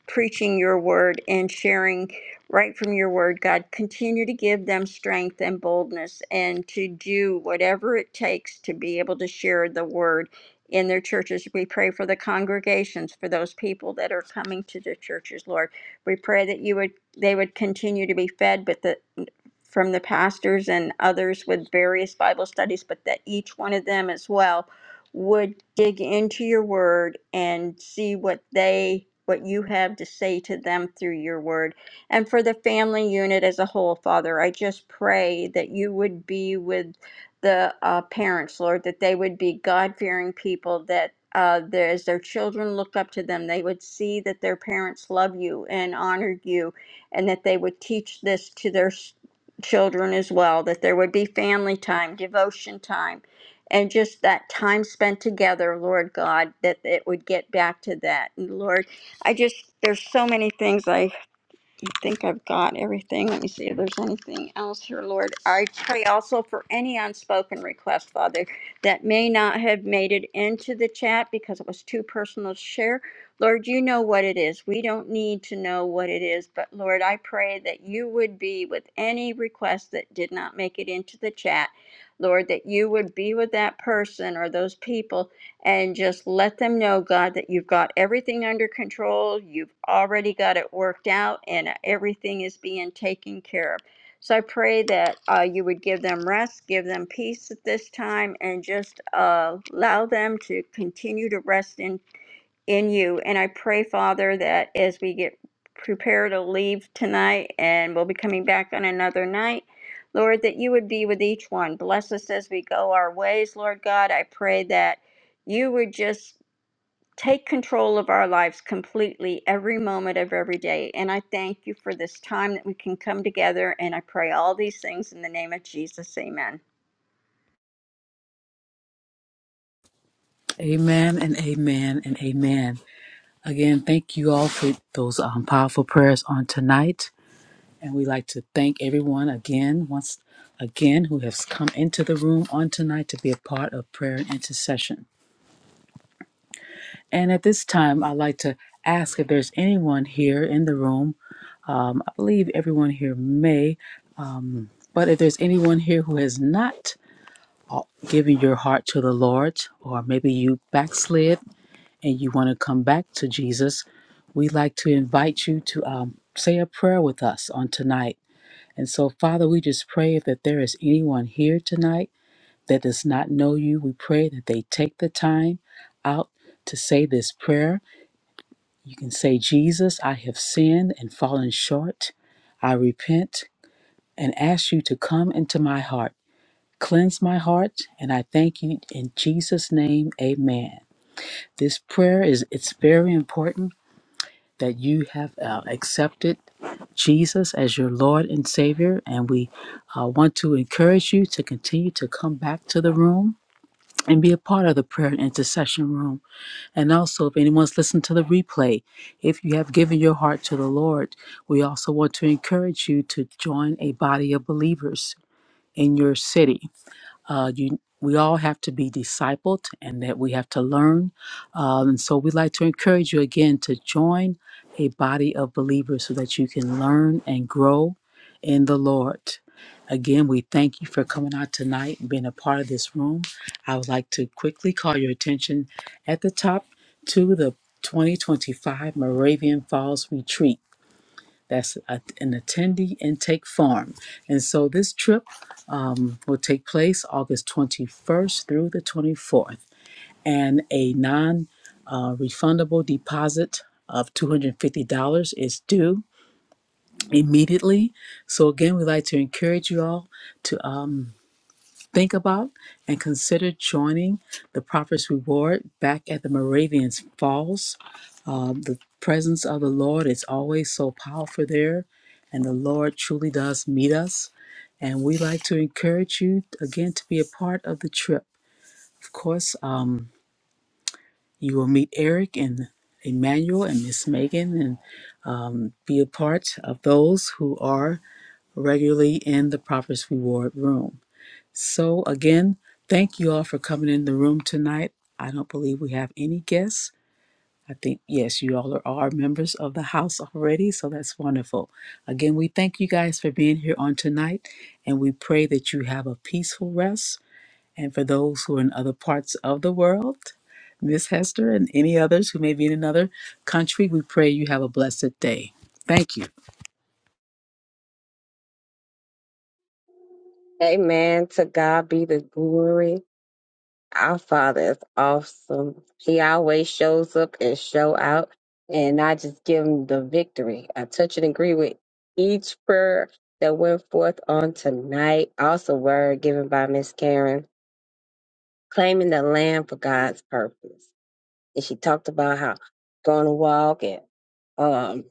preaching your word and sharing right from your word, God. Continue to give them strength and boldness and to do whatever it takes to be able to share the word in their churches. We pray for the congregations, for those people that are coming to the churches, Lord. We pray that you would they would continue to be fed but the from the pastors and others with various Bible studies, but that each one of them as well would dig into your word and see what they what you have to say to them through your word and for the family unit as a whole father i just pray that you would be with the uh, parents lord that they would be god-fearing people that uh, there, as their children look up to them they would see that their parents love you and honor you and that they would teach this to their s- children as well that there would be family time devotion time and just that time spent together, Lord God, that it would get back to that. And Lord, I just, there's so many things I I think I've got everything. Let me see if there's anything else here, Lord. I pray also for any unspoken request, Father, that may not have made it into the chat because it was too personal to share. Lord, you know what it is. We don't need to know what it is, but Lord, I pray that you would be with any request that did not make it into the chat. Lord, that you would be with that person or those people and just let them know, God, that you've got everything under control. You've already got it worked out, and everything is being taken care of. So I pray that uh, you would give them rest, give them peace at this time, and just uh, allow them to continue to rest in in you. And I pray, Father, that as we get prepared to leave tonight and we'll be coming back on another night, Lord, that you would be with each one. Bless us as we go our ways, Lord God. I pray that you would just take control of our lives completely every moment of every day. And I thank you for this time that we can come together. And I pray all these things in the name of Jesus. Amen. Amen and amen and amen. Again, thank you all for those um, powerful prayers on tonight. And we like to thank everyone again, once again, who has come into the room on tonight to be a part of prayer and intercession. And at this time, I'd like to ask if there's anyone here in the room. Um, I believe everyone here may, um, but if there's anyone here who has not given your heart to the Lord, or maybe you backslid and you want to come back to Jesus, we'd like to invite you to um, say a prayer with us on tonight And so, Father, we just pray that there is anyone here tonight that does not know you, we pray that they take the time out to say this prayer. You can say, Jesus, I have sinned and fallen short. I repent and ask you to come into my heart. Cleanse my heart, and I thank you in Jesus' name. Amen. This prayer is it's very important that you have uh, accepted Jesus as your Lord and Savior. And we uh, want to encourage you to continue to come back to the room and be a part of the prayer and intercession room. And also, if anyone's listened to the replay, if you have given your heart to the Lord, we also want to encourage you to join a body of believers in your city uh, you, we all have to be discipled and that we have to learn. Um, and so we'd like to encourage you again to join a body of believers so that you can learn and grow in the Lord. Again, we thank you for coming out tonight and being a part of this room. I would like to quickly call your attention at the top to the 2025 Moravian Falls Retreat. That's a- an attendee intake form. And so this trip um, will take place August 21st through the 24th. And a non uh, refundable deposit of $250 is due immediately. So, again, we'd like to encourage you all to um, think about and consider joining the Prophet's Reward back at the Moravians Falls um, The presence of the Lord is always so powerful there, and the Lord truly does meet us. And we like to encourage you again to be a part of the trip. Of course, um, you will meet Eric and Emmanuel and Miss Megan and be a part of those who are regularly in the Prophet's Reward Room. So, again, thank you all for coming in the room tonight. I don't believe we have any guests. I think, yes, you all are, are members of the house already, so that's wonderful. Again, we thank you guys for being here on tonight, and we pray that you have a peaceful rest. And for those who are in other parts of the world, Miss Hester and any others who may be in another country, we pray you have a blessed day. Thank you. Amen. To God be the glory. Our Father is awesome. He always shows up and show out. And I just give him the victory. I touch and agree with each prayer that went forth on tonight. Also, word given by Miss Karen, claiming the land for God's purpose. And she talked about how going to walk and um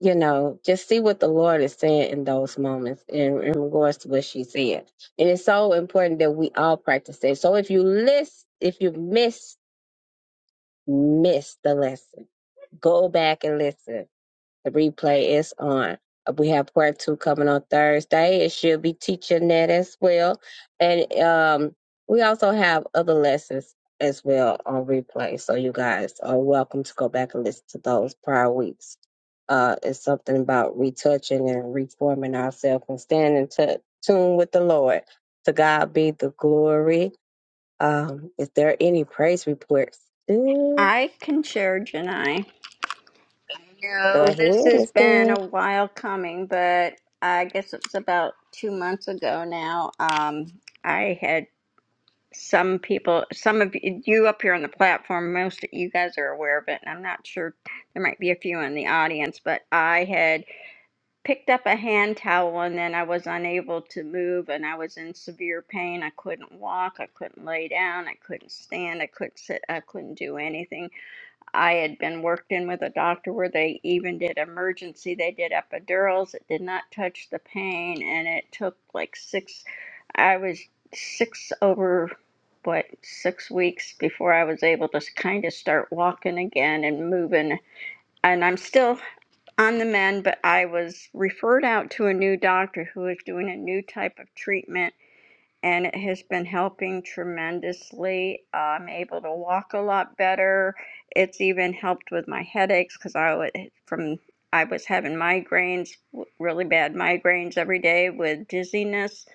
you know, just see what the Lord is saying in those moments in, in regards to what she said. And it's so important that we all practice it. So if you list, if you miss, miss the lesson, go back and listen the replay is on. Uh, We have part two coming on Thursday. And she'll be teaching that as well. And um, we also have other lessons as well on replay. So you guys are welcome to go back and listen to those prior weeks. Uh, it's something about retouching and reforming ourselves and standing to tune with the Lord. To God be the glory. Um, is there any praise reports? Ooh, I can share, Janai. go No, this ahead, has Miss been Karen. a while coming, but I guess it's about two months ago now. Um, I had some people, some of you you up here on the platform, most of you guys are aware of it, and I'm not sure there might be a few in the audience, but I had picked up a hand towel and then I was unable to move and I was in severe pain. I couldn't walk, I couldn't lay down, I couldn't stand, I couldn't sit, I couldn't do anything I had been worked in with a doctor where they even did emergency. They did epidurals. It did not touch the pain, and it took like six. I was six over what six weeks before I was able to kind of start walking again and moving. And I'm still on the mend, but I was referred out to a new doctor who was doing a new type of treatment and it has been helping tremendously. I'm able to walk a lot better. It's even helped with my headaches because I would eh, from I was having migraines, really bad migraines every day with dizziness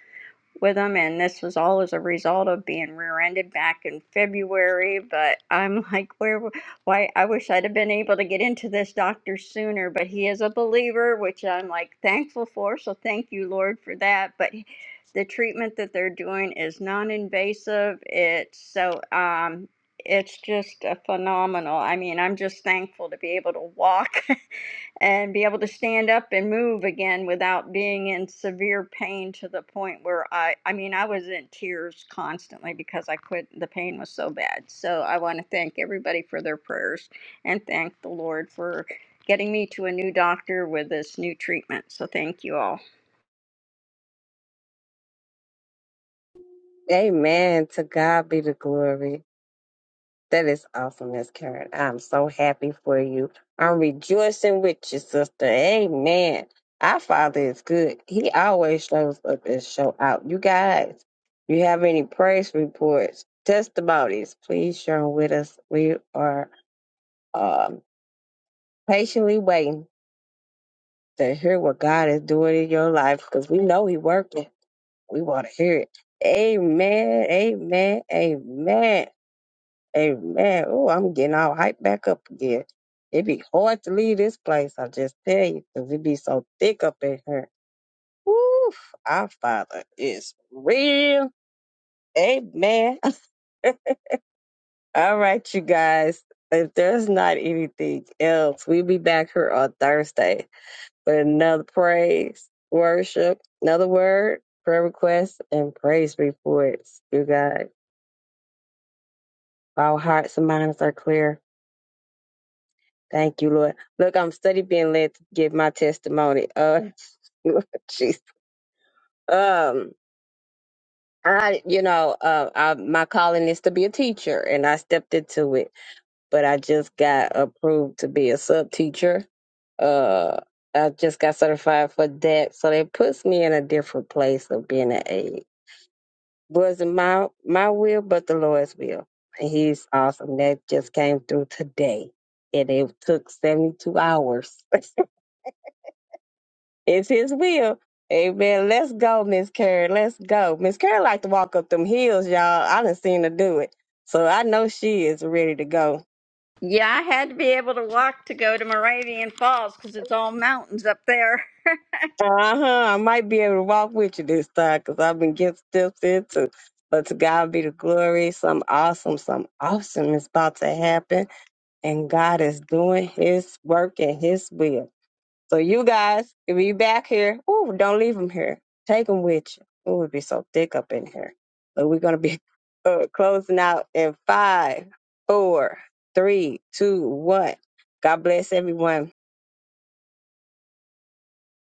with him, and this was all as a result of being rear-ended back in February. But I'm like, where? Why? I wish I'd have been able to get into this doctor sooner. But he is a believer, which I'm like thankful for. So thank you, Lord, for that. But he- the treatment that they're doing is non-invasive. It's so um, it's just a phenomenal. I mean, I'm just thankful to be able to walk and be able to stand up and move again without being in severe pain to the point where I I mean I was in tears constantly because I couldn't the pain was so bad. So I want to thank everybody for their prayers and thank the Lord for getting me to a new doctor with this new treatment. So thank you all. Amen. To God be the glory. That is awesome, Miss Karen. I'm so happy for you. I'm rejoicing with you, sister. Amen. Our Father is good. He always shows up and show out. You guys, you have any praise reports, testimonies, please share 'em with us. We are um, patiently waiting to hear what God is doing in your life because we know He working. We want to hear it. Amen. Amen. Amen. Amen. Oh, I'm getting all hyped back up again. It be hard to leave this place, I just tell you, 'cause it be so thick up in here. Woo! Our Father is real. Amen. all right, you guys. If there's not anything else, we'll be back here on Thursday with another praise, worship, another word, prayer requests, and praise reports. You guys, our hearts and minds are clear. Thank you, Lord. Look, I'm study being led to give my testimony. Uh, jeez. Um, I, you know, uh, I, my calling is to be a teacher, and I stepped into it, but I just got approved to be a sub teacher. Uh, I just got certified for that, so that puts me in a different place of being an aide. Wasn't my my will, but the Lord's will, and He's awesome. That just came through today, and it took seventy two hours. It's his will. Amen. Let's go, Miss Carrie. Let's go. Miss Carrie like to walk up them hills, y'all. I done seen her do it. So I know she is ready to go. Yeah, I had to be able to walk to go to Moravian Falls cuz it's all mountains up there. Uh-huh. I might be able to walk with you this time because I've been getting steps in too. But to God be the glory. Some awesome, some awesome is about to happen. And God is doing his work and his will. So you guys, if you back here, ooh, don't leave them here. Take them with you. Ooh, it would be so thick up in here. But we're gonna be uh, closing out in five, four, three, two, one. God bless everyone.